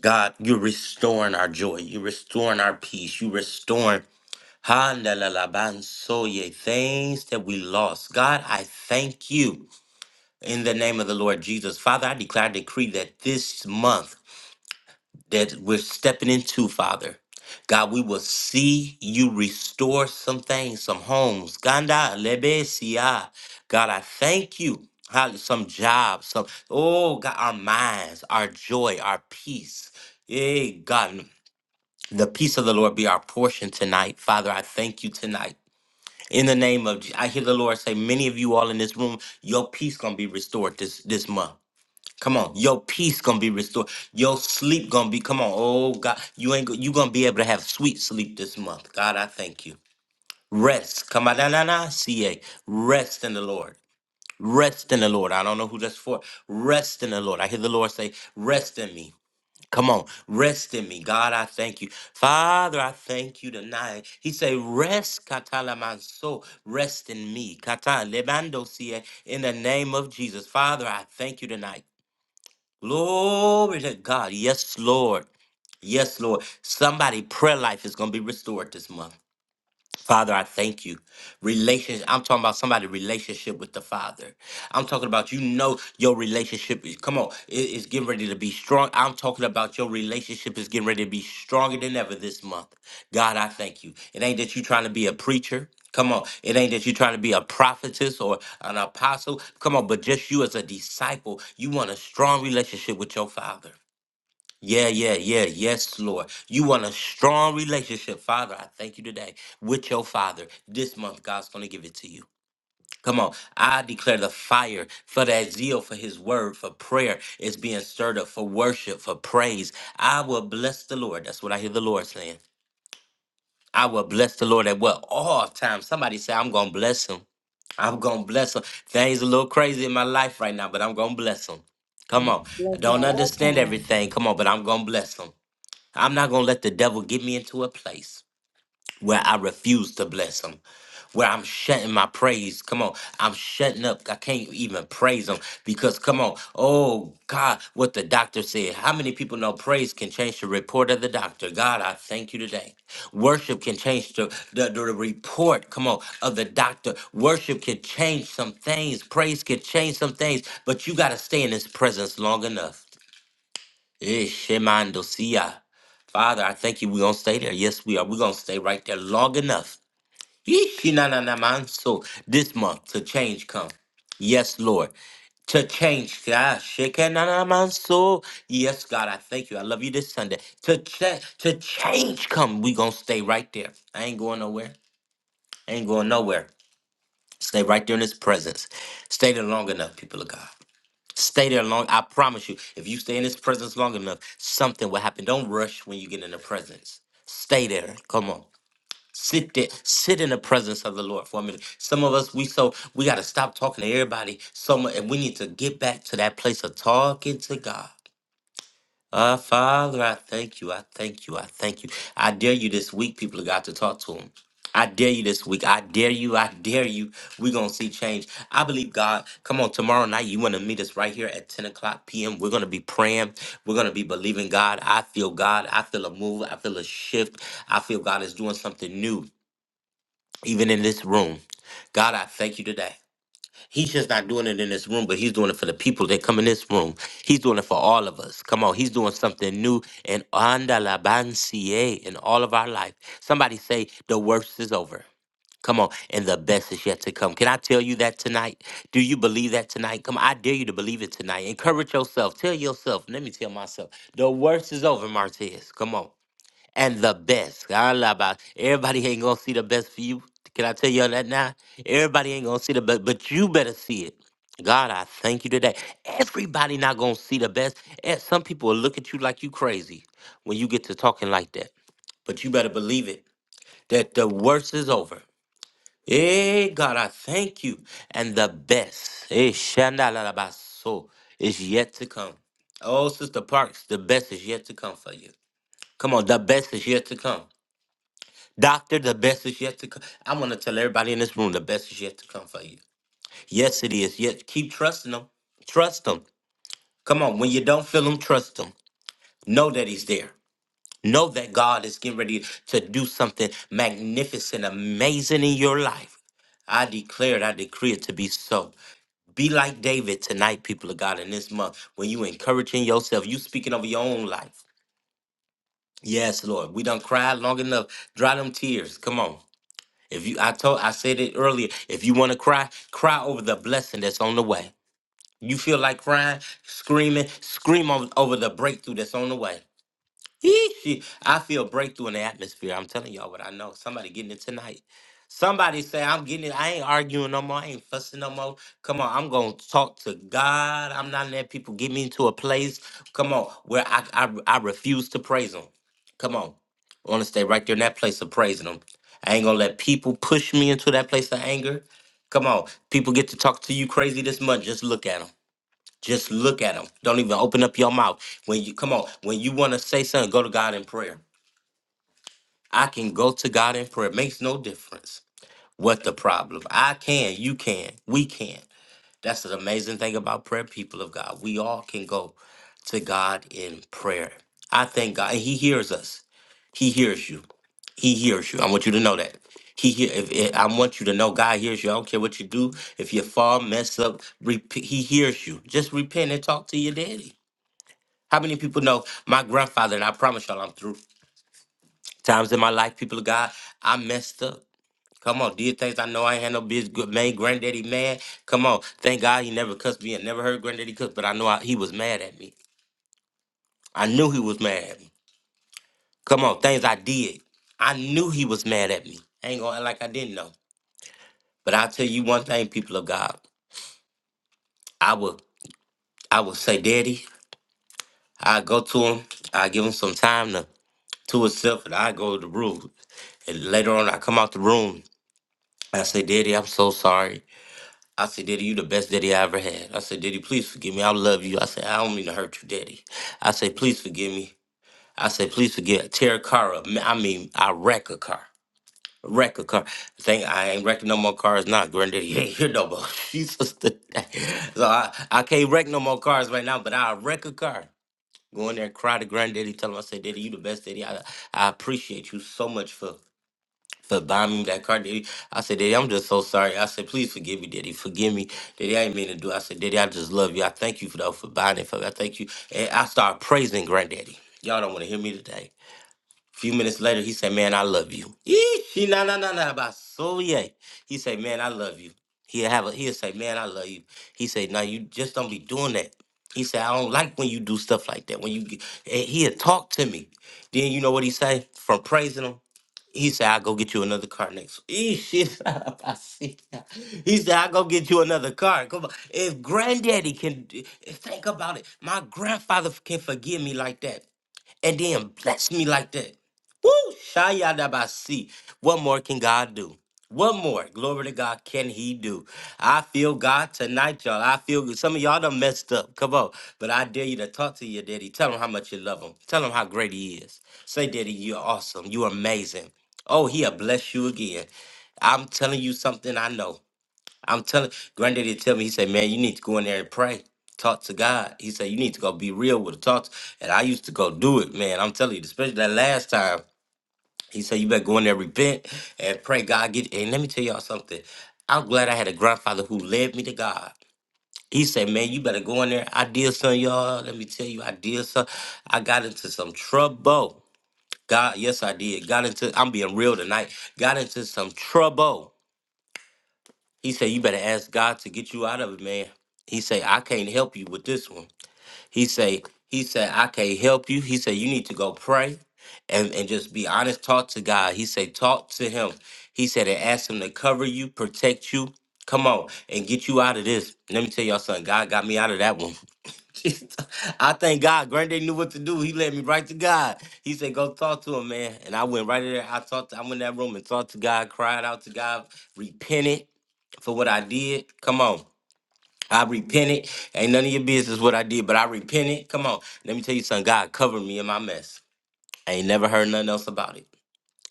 [SPEAKER 1] God. You're restoring our joy. You're restoring our peace. You're restoring Handalalabansoye, things that we lost. God, I thank you in the name of the Lord Jesus. Father, I declare, I decree that this month. that we're stepping into, Father. God, we will see you restore some things, some homes. Ganda lebesia. God, I thank you. Hallelujah. Some jobs, some oh God, our minds, our joy, our peace. Hey, God, the peace of the Lord be our portion tonight. Father, I thank you tonight. In the name of Je- I hear the Lord say, many of you all in this room, your peace gonna be restored this this month. Come on, your peace gonna be restored. Your sleep gonna be. Come on, oh God, you ain't go- you gonna be able to have sweet sleep this month. God, I thank you. Rest, come on, na na na, ca. Rest in the Lord. Rest in the Lord. I don't know who that's for. Rest in the Lord. I hear the Lord say, "Rest in me." Come on, rest in me, God. I thank you, Father. I thank you tonight. He say, "Rest, katala manso, rest in me, kata lebando ca." In the name of Jesus, Father, I thank you tonight. Glory to God. Yes, Lord. Yes, Lord. Somebody prayer life is going to be restored this month. Father, I thank you. Relationship, I'm talking about somebody's relationship with the Father. I'm talking about you know your relationship is come on, it- it's getting ready to be strong. I'm talking about your relationship is getting ready to be stronger than ever this month. God, I thank you. It ain't that you trying to be a preacher. Come on. It ain't that you're trying to be a prophetess or an apostle. Come on, but just you as a disciple, you want a strong relationship with your father. Yeah, yeah, yeah. Yes, Lord. You want a strong relationship, Father. I thank you today with your Father. This month, God's going to give it to you. Come on. I declare the fire for that zeal, for his word, for prayer is being stirred up, for worship, for praise. I will bless the Lord. That's what I hear the Lord saying. I will bless the Lord at what? All times. Somebody say, I'm going to bless him. I'm gonna bless them. Things a little crazy in my life right now, but I'm gonna bless them. Come on, I
[SPEAKER 2] Blessing at
[SPEAKER 1] don't
[SPEAKER 2] all
[SPEAKER 1] understand
[SPEAKER 2] times.
[SPEAKER 1] everything. Come on, but I'm gonna bless them. I'm not going to let the devil get me into a place where I refuse to bless him, where I'm shutting my praise. Come on, I'm shutting up. I can't even praise him because, come on, oh God, what the doctor said. How many people know praise can change the report of the doctor? God, I thank you today. Worship can change the, the, the report, come on, of the doctor. Worship can change some things, praise can change some things, but you got to stay in his presence long enough. Eh, shemando siya. Father, I thank you. We're going to stay there. Yes, we are. We're going to stay right there long enough. Yeesh, na, na, na, man. So this month, to change come. Yes, Lord. To change. God, shake, na, na, man. So Yes, God, I thank you. I love you this Sunday. To, cha- to change come. We're going to stay right there. I ain't going nowhere. I ain't going nowhere. Stay right there in his presence. Stay there long enough, people of God. Stay there long. I promise you, if you stay in his presence long enough, something will happen. Don't rush when you get in the presence. Stay there. Come on. Sit there. Sit in the presence of the Lord for a minute. Some of us, we so we gotta stop talking to everybody so much and we need to get back to that place of talking to God. Uh, Father, I thank you. I thank you. I thank you. I dare you this week, people of God, to talk to him. I dare you this week. I dare you. I dare you. We're going to see change. I believe God. Come on, tomorrow night, you want to meet us right here at 10 o'clock p.m. We're going to be praying. We're going to be believing God. I feel God. I feel a move. I feel a shift. I feel God is doing something new, even in this room. God, I thank you today. He's just not doing it in this room, but he's doing it for the people that come in this room. He's doing it for all of us. Come on, he's doing something new and anda la bancie in all of our life. Somebody say the worst is over. Come on, and the best is yet to come. Can I tell you that tonight? Do you believe that tonight? Come on, I dare you to believe it tonight. Encourage yourself. Tell yourself, let me tell myself, the worst is over, Martez. Come on and the best. I do everybody ain't gonna see the best for you. Can I tell y'all that now? Everybody ain't gonna see the best, but you better see it. God, I thank you today. Everybody not gonna see the best. And some people will look at you like you crazy when you get to talking like that. But you better believe it that the worst is over. Hey God, I thank you. And the best, hey, Shandalabaso, is yet to come. Oh, Sister Parks, the best is yet to come for you. Come on, the best is yet to come. Doctor, the best is yet to come. I want to tell everybody in this room the best is yet to come for you. Yes, it is. Yes, keep trusting him. Trust him. Come on, when you don't feel him, trust him. Know that he's there. Know that God is getting ready to do something magnificent, amazing in your life. I declare it, I decree it to be so. Be like David tonight, people of God, in this month. When you encouraging yourself, you speaking over your own life. Yes, Lord. We done cried long enough. Dry them tears. Come on. If you, I told, I said it earlier. If you want to cry, cry over the blessing that's on the way. You feel like crying, screaming, scream over, over the breakthrough that's on the way. Yeesh. I feel breakthrough in the atmosphere. I'm telling y'all what I know. Somebody getting it tonight. Somebody say, I'm getting it. I ain't arguing no more. I ain't fussing no more. Come on, I'm going to talk to God. I'm not letting people get me into a place, come on, where I, I, I refuse to praise Him. Come on. I want to stay right there in that place of praising Him. I ain't going to let people push me into that place of anger. Come on. People get to talk to you crazy this much. Just look at them. Just look at him. Don't even open up your mouth. When you come on, when you want to say something, go to God in prayer. I can go to God in prayer. Makes no difference what the problem. I can, you can, we can. That's the amazing thing about prayer, people of God. We all can go to God in prayer. I thank God. and He hears us. He hears you. He hears you. I want you to know that. He hear. If, if- I want you to know God hears you. I don't care what you do. If you fall, mess up, repeat, He hears you. Just repent and talk to your daddy. How many people know my grandfather? And I promise y'all, I'm through. Times in my life, people of God, I messed up. Come on, did things I know I ain't had no business. Good man, granddaddy mad. Come on, thank God he never cussed me. I never heard granddaddy cuss, but I know I, he was mad at me. I knew he was mad at me. Come on, things I did. I knew he was mad at me. I ain't gonna act like I didn't know. But I'll tell you one thing, people of God. I would I would say, Daddy, I go to him, I give him some time to to himself, and I go to the room. And later on I come out the room I said, Daddy, I'm so sorry. I said, Daddy, you the best daddy I ever had. I said, Daddy, please forgive me. I love you. I said, I don't mean to hurt you, Daddy. I said, please forgive me. I said, please forgive. Tear a car up. Ma- I mean, I wreck a car. Wreck a car. Think I ain't wrecking no more cars now, Granddaddy. You ain't here no more. Jesus. the. so I, I can't wreck no more cars right now, but I'll wreck a car. Go in there, and cry to Granddaddy, tell him, I said, Daddy, you the best daddy. I, I appreciate you so much for for buying me that car, Daddy, I said, Daddy, I'm just so sorry. I said, please forgive me, Daddy. Forgive me. Daddy, I did mean to do. it." I said, Daddy, I just love you. I thank you for that for buying it for me. I thank you. And I started praising Granddaddy. Y'all don't want to hear me today. A few minutes later, he said, Man, I love you. Yee, He nah, nah, nah, nah, about so yeah. He said, Man, I love you. He'll have a he'll say, Man, I love you. He said, No, you just don't be doing that. He said, I don't like when you do stuff like that. When you get, and he'll talk to me. Then you know what he say? From praising him. He said, I'll go get you another car next week. Shit, I see that. He said, I'll go get you another car. Come on. If granddaddy can do- think about it, my grandfather can forgive me like that and then bless me like that. Woo! Shayadabasi. What more can God do? What more? Glory to God can He do? I feel God tonight, y'all. I feel good. Some of y'all done messed up. Come on. But I dare you to talk to your daddy. Tell him how much you love him. Tell him how great he is. Say, Daddy, you're awesome. You're amazing. Oh, he'll bless you again. I'm telling you something I know. I'm telling granddaddy tell me, he said, Man, you need to go in there and pray. Talk to God. He said, You need to go be real with the talk. And I used to go do it, man. I'm telling you, especially that last time. He said, You better go in there, repent, and pray God get it. and let me tell y'all something. I'm glad I had a grandfather who led me to God. He said, Man, you better go in there. I did something, y'all. Let me tell you, I did some. I got into some trouble. God, yes, I did. Got into, I'm being real tonight. Got into some trouble. He said, "You better ask God to get you out of it, man." He say, "I can't help you with this one." He say, "He said I can't help you." He said, "You need to go pray, and and just be honest. Talk to God." He say, "Talk to Him." He said, "And ask Him to cover you, protect you. Come on, and get you out of this." Let me tell y'all something. God got me out of that one. I thank God. Granddaddy knew what to do. He led me right to God. He said, "Go talk to him, man." And I went right in there. I talked. I went in that room and talked to God, cried out to God, repented for what I did. Come on. I repented. Ain't none of your business what I did, but I repented. Come on. Let me tell you something. God covered me in my mess. I ain't never heard nothing else about it.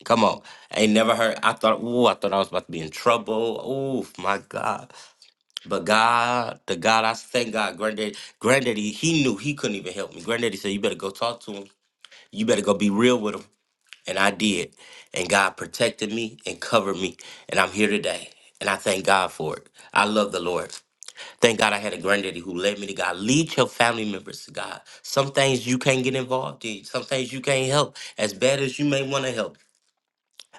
[SPEAKER 1] Come on. I ain't never heard. I thought, ooh, I thought I was about to be in trouble. Oh, my God. But God, the God, I thank God, granddaddy, granddaddy, he knew he couldn't even help me. Granddaddy said, you better go talk to him. You better go be real with him. And I did. And God protected me and covered me. And I'm here today. And I thank God for it. I love the Lord. Thank God I had a granddaddy who led me to God. Lead your family members to God. Some things you can't get involved in. Some things you can't help. As bad as you may want to help.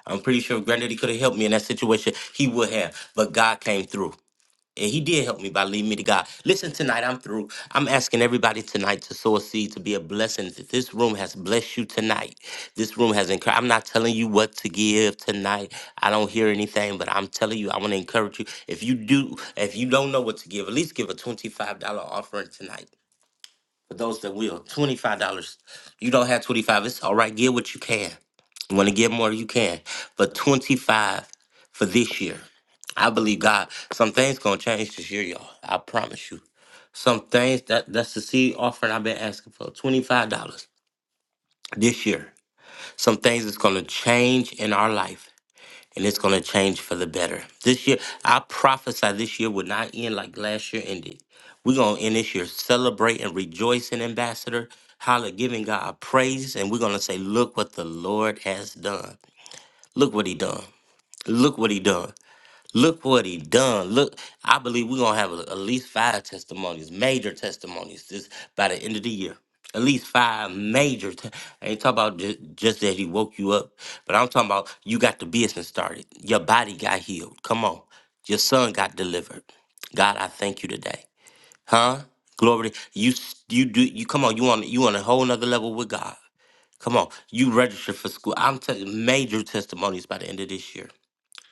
[SPEAKER 1] I'm pretty sure if granddaddy could have helped me in that situation, he would have. But God came through. And he did help me by leading me to God. Listen, tonight I'm through. I'm asking everybody tonight to sow a seed to be a blessing. If This room has blessed you tonight. This room has encouraged. I'm not telling you what to give tonight. I don't hear anything, but I'm telling you, I want to encourage you. If you do, if you don't know what to give, at least give a $25 offering tonight. For those that will, $25. You don't have 25 It's all right. Give what you can. You want to give more, you can. But 25 for this year. I believe God, some things going to change this year, y'all. I promise you. Some things, that that's the seed offering I've been asking for $25 this year. Some things that's going to change in our life and it's going to change for the better. This year, I prophesy this year will not end like last year ended. We're going to end this year celebrating, rejoicing, Ambassador, holla, giving God praise, and we're going to say, look what the Lord has done. Look what he done. Look what he done. Look what he done. Look, I believe we're gonna have a- at least five testimonies, major testimonies, this by the end of the year. At least five major. Te- I ain't talking about just, just that he woke you up, but I'm talking about you got the business started. Your body got healed. Come on, your son got delivered. God, I thank you today, huh? Glory, to- you s- you do you come on. You on you on a whole nother level with God. Come on, you registered for school. I'm telling major testimonies by the end of this year.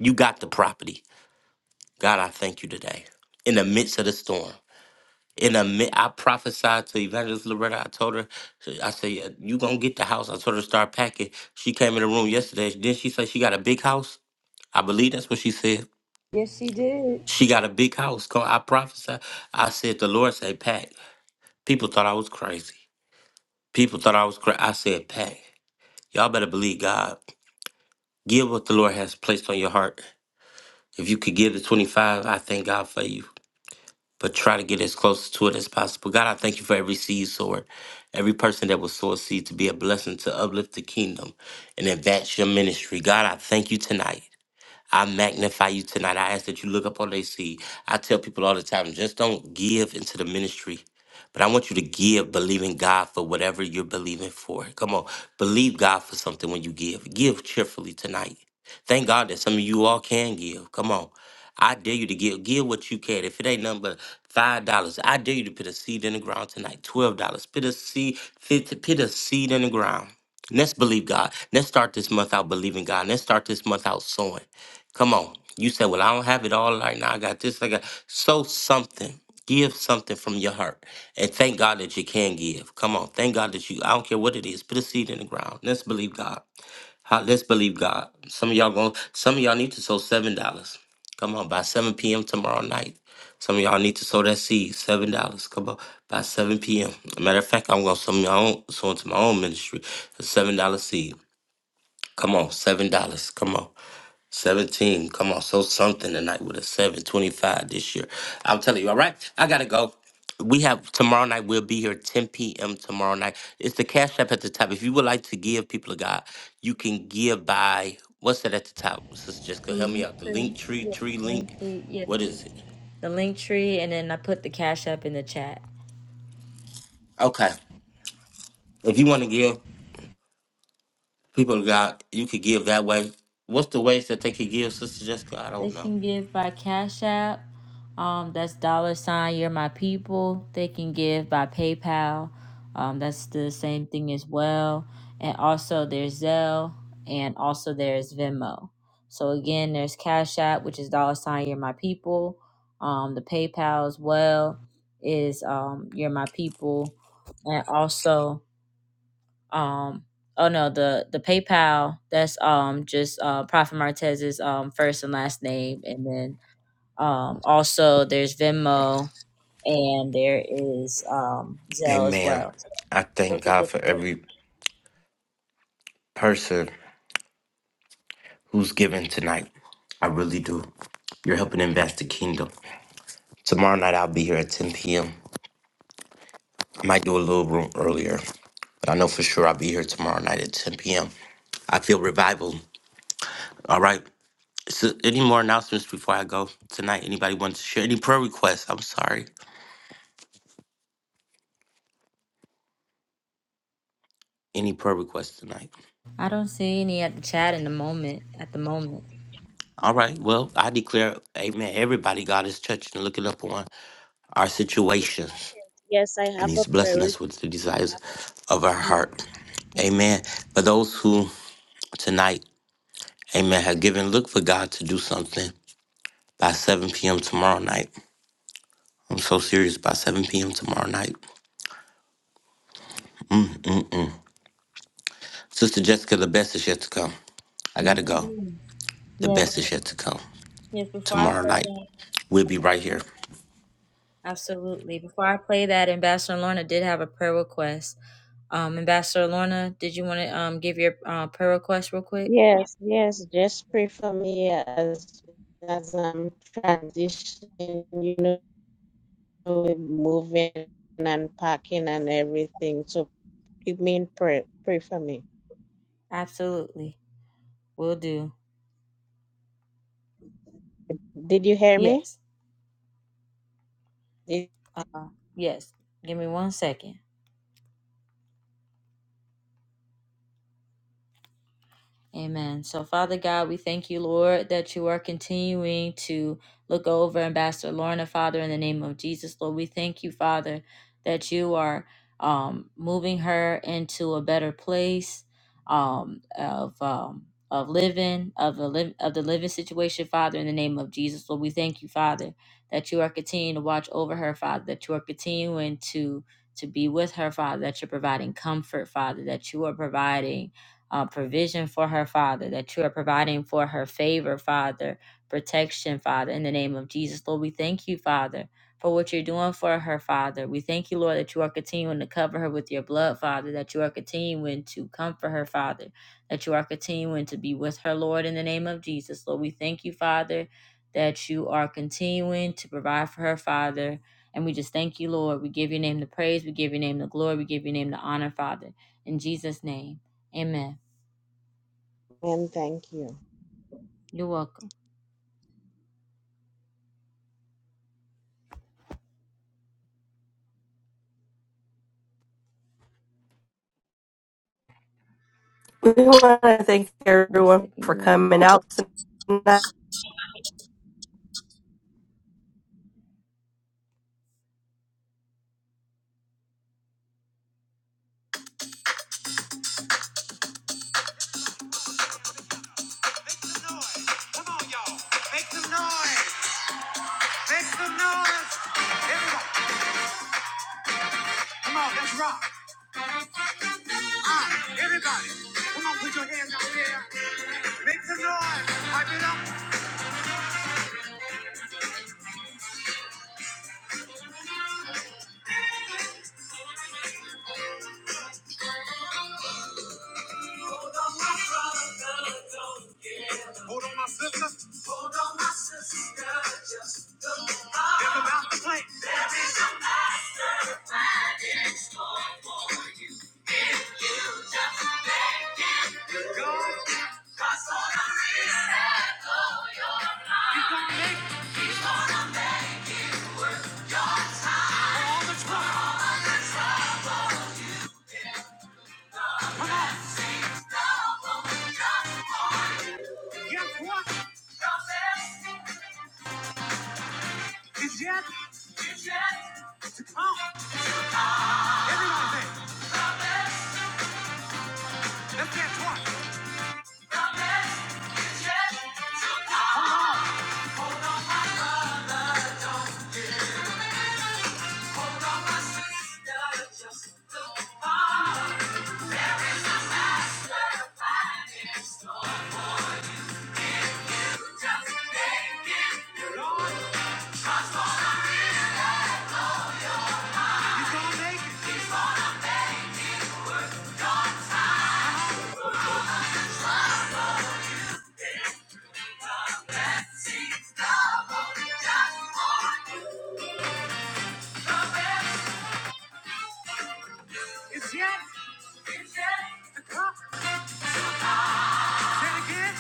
[SPEAKER 1] You got the property. God, I thank you today. In the midst of the storm, in the mid, I prophesied to Evangelist Loretta. I told her, I said, "Yeah, "You gonna get the house." I told her to start packing. She came in the room yesterday. Then she said she got a big house. I believe that's what she said.
[SPEAKER 2] Yes, she did.
[SPEAKER 1] She got a big house. Come, I prophesied. I said, "The Lord say pack." People thought I was crazy. People thought I was crazy. I said, "Pack." Y'all better believe God. Give what the Lord has placed on your heart. If you could give the twenty five, I thank God for you. but try to get as close to it as possible. God, I thank you for every seed sower, every person that will sow a seed to be a blessing to uplift the kingdom and advance your ministry. God, I thank you tonight. I magnify you tonight. I ask that you look up on their seed. I tell people all the time, just don't give into the ministry. But I want you to give, believing God for whatever you're believing for. Come on, believe God for something when you give. Give cheerfully tonight. Thank God that some of you all can give. Come on. I dare you to give. Give what you can. If it ain't nothing but five dollars, I dare you to put a seed in the ground tonight. Twelve dollars. Put a seed, fifty, put a seed in the ground. Let's believe God. Let's start this month out believing God. Let's start this month out sowing. Come on. You say, Well, I don't have it all right now. I got this, I got so something. Give something from your heart. And thank God that you can give. Come on. Thank God that you I don't care what it is. Put a seed in the ground. Let's believe God. How- Let's believe God. Some of y'all going some of y'all need to sow seven dollars. Come on, by 7 p.m. tomorrow night. Some of y'all need to sow that seed, seven dollars. Come on, by 7 p.m. matter of fact, I'm gonna sow my own sow into my own ministry, a seven dollar seed. Come on, seven dollars. Come on. 17. Come on. So something tonight with a 725 this year. I'm telling you, all right? I gotta go. We have tomorrow night, we'll be here 10 p.m. tomorrow night. It's the Cash App at the top. If you would like to give people of God, you can give by what's that at the top? Sister Jessica, help me out. The link
[SPEAKER 2] The
[SPEAKER 1] tree, tree
[SPEAKER 2] link
[SPEAKER 1] link.
[SPEAKER 2] tree, yeah.
[SPEAKER 1] What is it?
[SPEAKER 2] The link tree, and then I put the cash up in the chat.
[SPEAKER 1] Okay. If you want to give people of God, you could give that way. What's the ways that they could give, Sister Jessica? I
[SPEAKER 2] They
[SPEAKER 1] don't know.
[SPEAKER 2] can give by Cash App. Um, that's dollar sign. You're my people. They can give by PayPal. Um, that's the same thing as well. And also there's Zelle, and also there's Venmo. So again, there's Cash App, which is dollar sign. You're my people. Um, the PayPal as well is um, You're my people, and also. Um, oh no, the the PayPal that's um just uh Prophet Martez's um first and last name, and then um also there's Venmo and there is um Zelle as
[SPEAKER 1] Amen.
[SPEAKER 2] well.
[SPEAKER 1] I
[SPEAKER 2] Those
[SPEAKER 1] thank
[SPEAKER 2] are
[SPEAKER 1] God
[SPEAKER 2] different.
[SPEAKER 1] for every person who's giving tonight. I really do. You're helping invest the kingdom. Tomorrow night I'll be here at 10 p.m. I might do a little room earlier, but I know for sure I'll be here tomorrow night at 10 p.m. I feel revival. All right. So any more announcements before I go tonight? Anybody want to share any prayer requests? I'm sorry. Any prayer requests tonight?
[SPEAKER 2] I don't see any at the chat in the moment. At the moment.
[SPEAKER 1] All right. Well, I declare, amen. Everybody, God is touching and looking up on our
[SPEAKER 6] Prophet
[SPEAKER 1] situations.
[SPEAKER 6] Market. Yes, I
[SPEAKER 1] and
[SPEAKER 6] have a
[SPEAKER 1] he's
[SPEAKER 6] prayer.
[SPEAKER 1] blessing
[SPEAKER 6] re-
[SPEAKER 1] us with the
[SPEAKER 6] I
[SPEAKER 1] desires
[SPEAKER 6] have a prayer.
[SPEAKER 1] of our
[SPEAKER 6] request.
[SPEAKER 1] heart. Amen. For those who tonight, amen, have given, look for God to do something by 7 p.m. tomorrow night. I'm so serious by 7 p.m. tomorrow night. Mm-mm-mm. Sister Jessica, the best is yet to come. I
[SPEAKER 2] Yes,
[SPEAKER 1] gotta
[SPEAKER 2] it
[SPEAKER 1] go.
[SPEAKER 2] is.
[SPEAKER 1] The
[SPEAKER 2] Yes,
[SPEAKER 1] best is yet to come
[SPEAKER 2] yes. Before I
[SPEAKER 1] tomorrow
[SPEAKER 2] play
[SPEAKER 1] night. We'll
[SPEAKER 2] that,
[SPEAKER 1] be right here.
[SPEAKER 2] absolutely. Before I play that, Ambassador Lorna did have a prayer request. Um, Ambassador Lorna, did you want to um give your uh, prayer request real quick?
[SPEAKER 6] Yes, yes. Just pray for me as as I'm transitioning, you know, with moving and packing and everything. So keep me in prayer. Pray for me.
[SPEAKER 2] Absolutely. Will do.
[SPEAKER 6] Did you hear me?
[SPEAKER 2] Yes.
[SPEAKER 6] Did-
[SPEAKER 2] Uh, Yes. Give me one second. Amen. So, Father God, we thank you, Lord, that you are continuing to look over Ambassador Lorna, Father, in the name of Jesus. Lord, we thank you, Father, that you are um, moving her into a better place um, of. Um, of living of the liv- of the living situation, Father, in the name of Jesus, Lord, we thank you, Father, that you are continuing to watch over her, Father, that you are continuing to to be with her, Father, that you're providing comfort, Father, that you are providing uh, provision for her, Father, that you are providing for her favor, Father, protection, Father, in the name of Jesus. Lord, we thank you, Father, for what you're doing for her, Father. We thank you, Lord, that you are continuing to cover her with your blood, Father, that you are continuing to comfort her, Father, that you are continuing to be with her, Lord, in the name of Jesus. Lord, we thank you, Father, that you are continuing to provide for her, Father. And we just thank you, Lord. We give your name the praise. We give your name the glory. We give your name the honor, Father. In Jesus' name, amen.
[SPEAKER 6] And thank you.
[SPEAKER 2] You're welcome.
[SPEAKER 4] We want to thank
[SPEAKER 2] One
[SPEAKER 4] everyone
[SPEAKER 2] second,
[SPEAKER 4] for
[SPEAKER 2] you all.
[SPEAKER 4] coming out tonight.
[SPEAKER 2] Yes, say it again.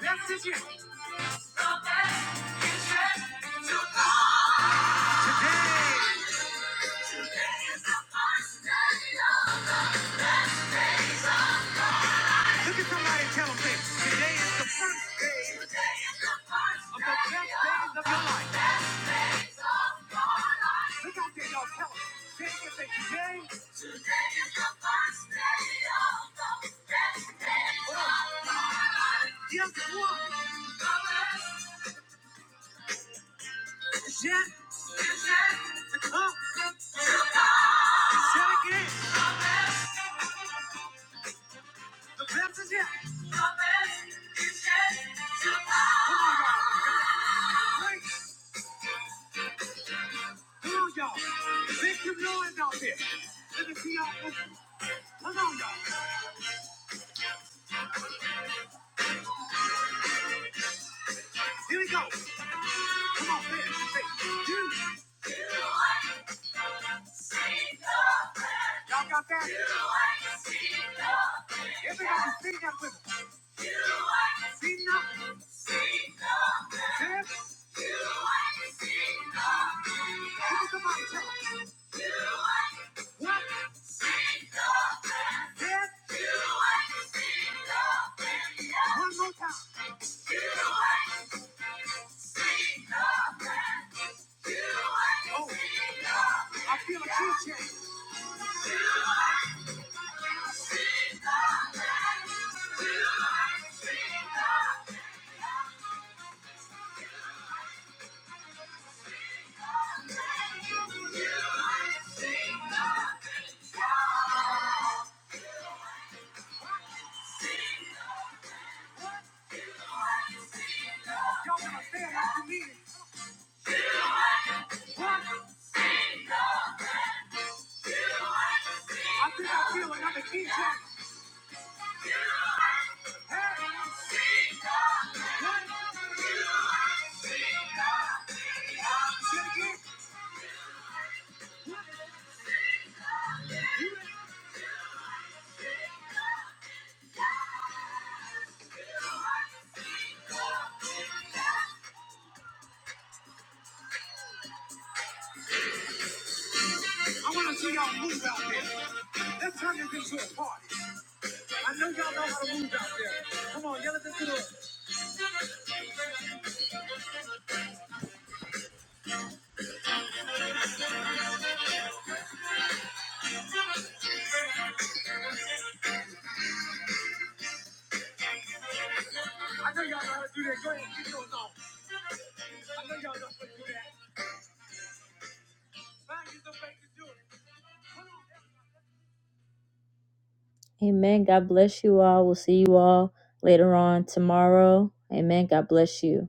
[SPEAKER 2] That's it. Yeah, up, check it. The best is here. Come on, y'all. Break through, y'all. Make some noise out there. Let me see Come on, y'all. Here we go. Come on, man. Hey, you. Sing the Everybody sing that with me. I feel a key change. I believe it. I think I feel another key I want to see y'all move out there. Let's turn this into a party. I know y'all know how to move out there. Come on, yell at this to the Amen. God bless you all. We'll see you all later on tomorrow. Amen. God bless you.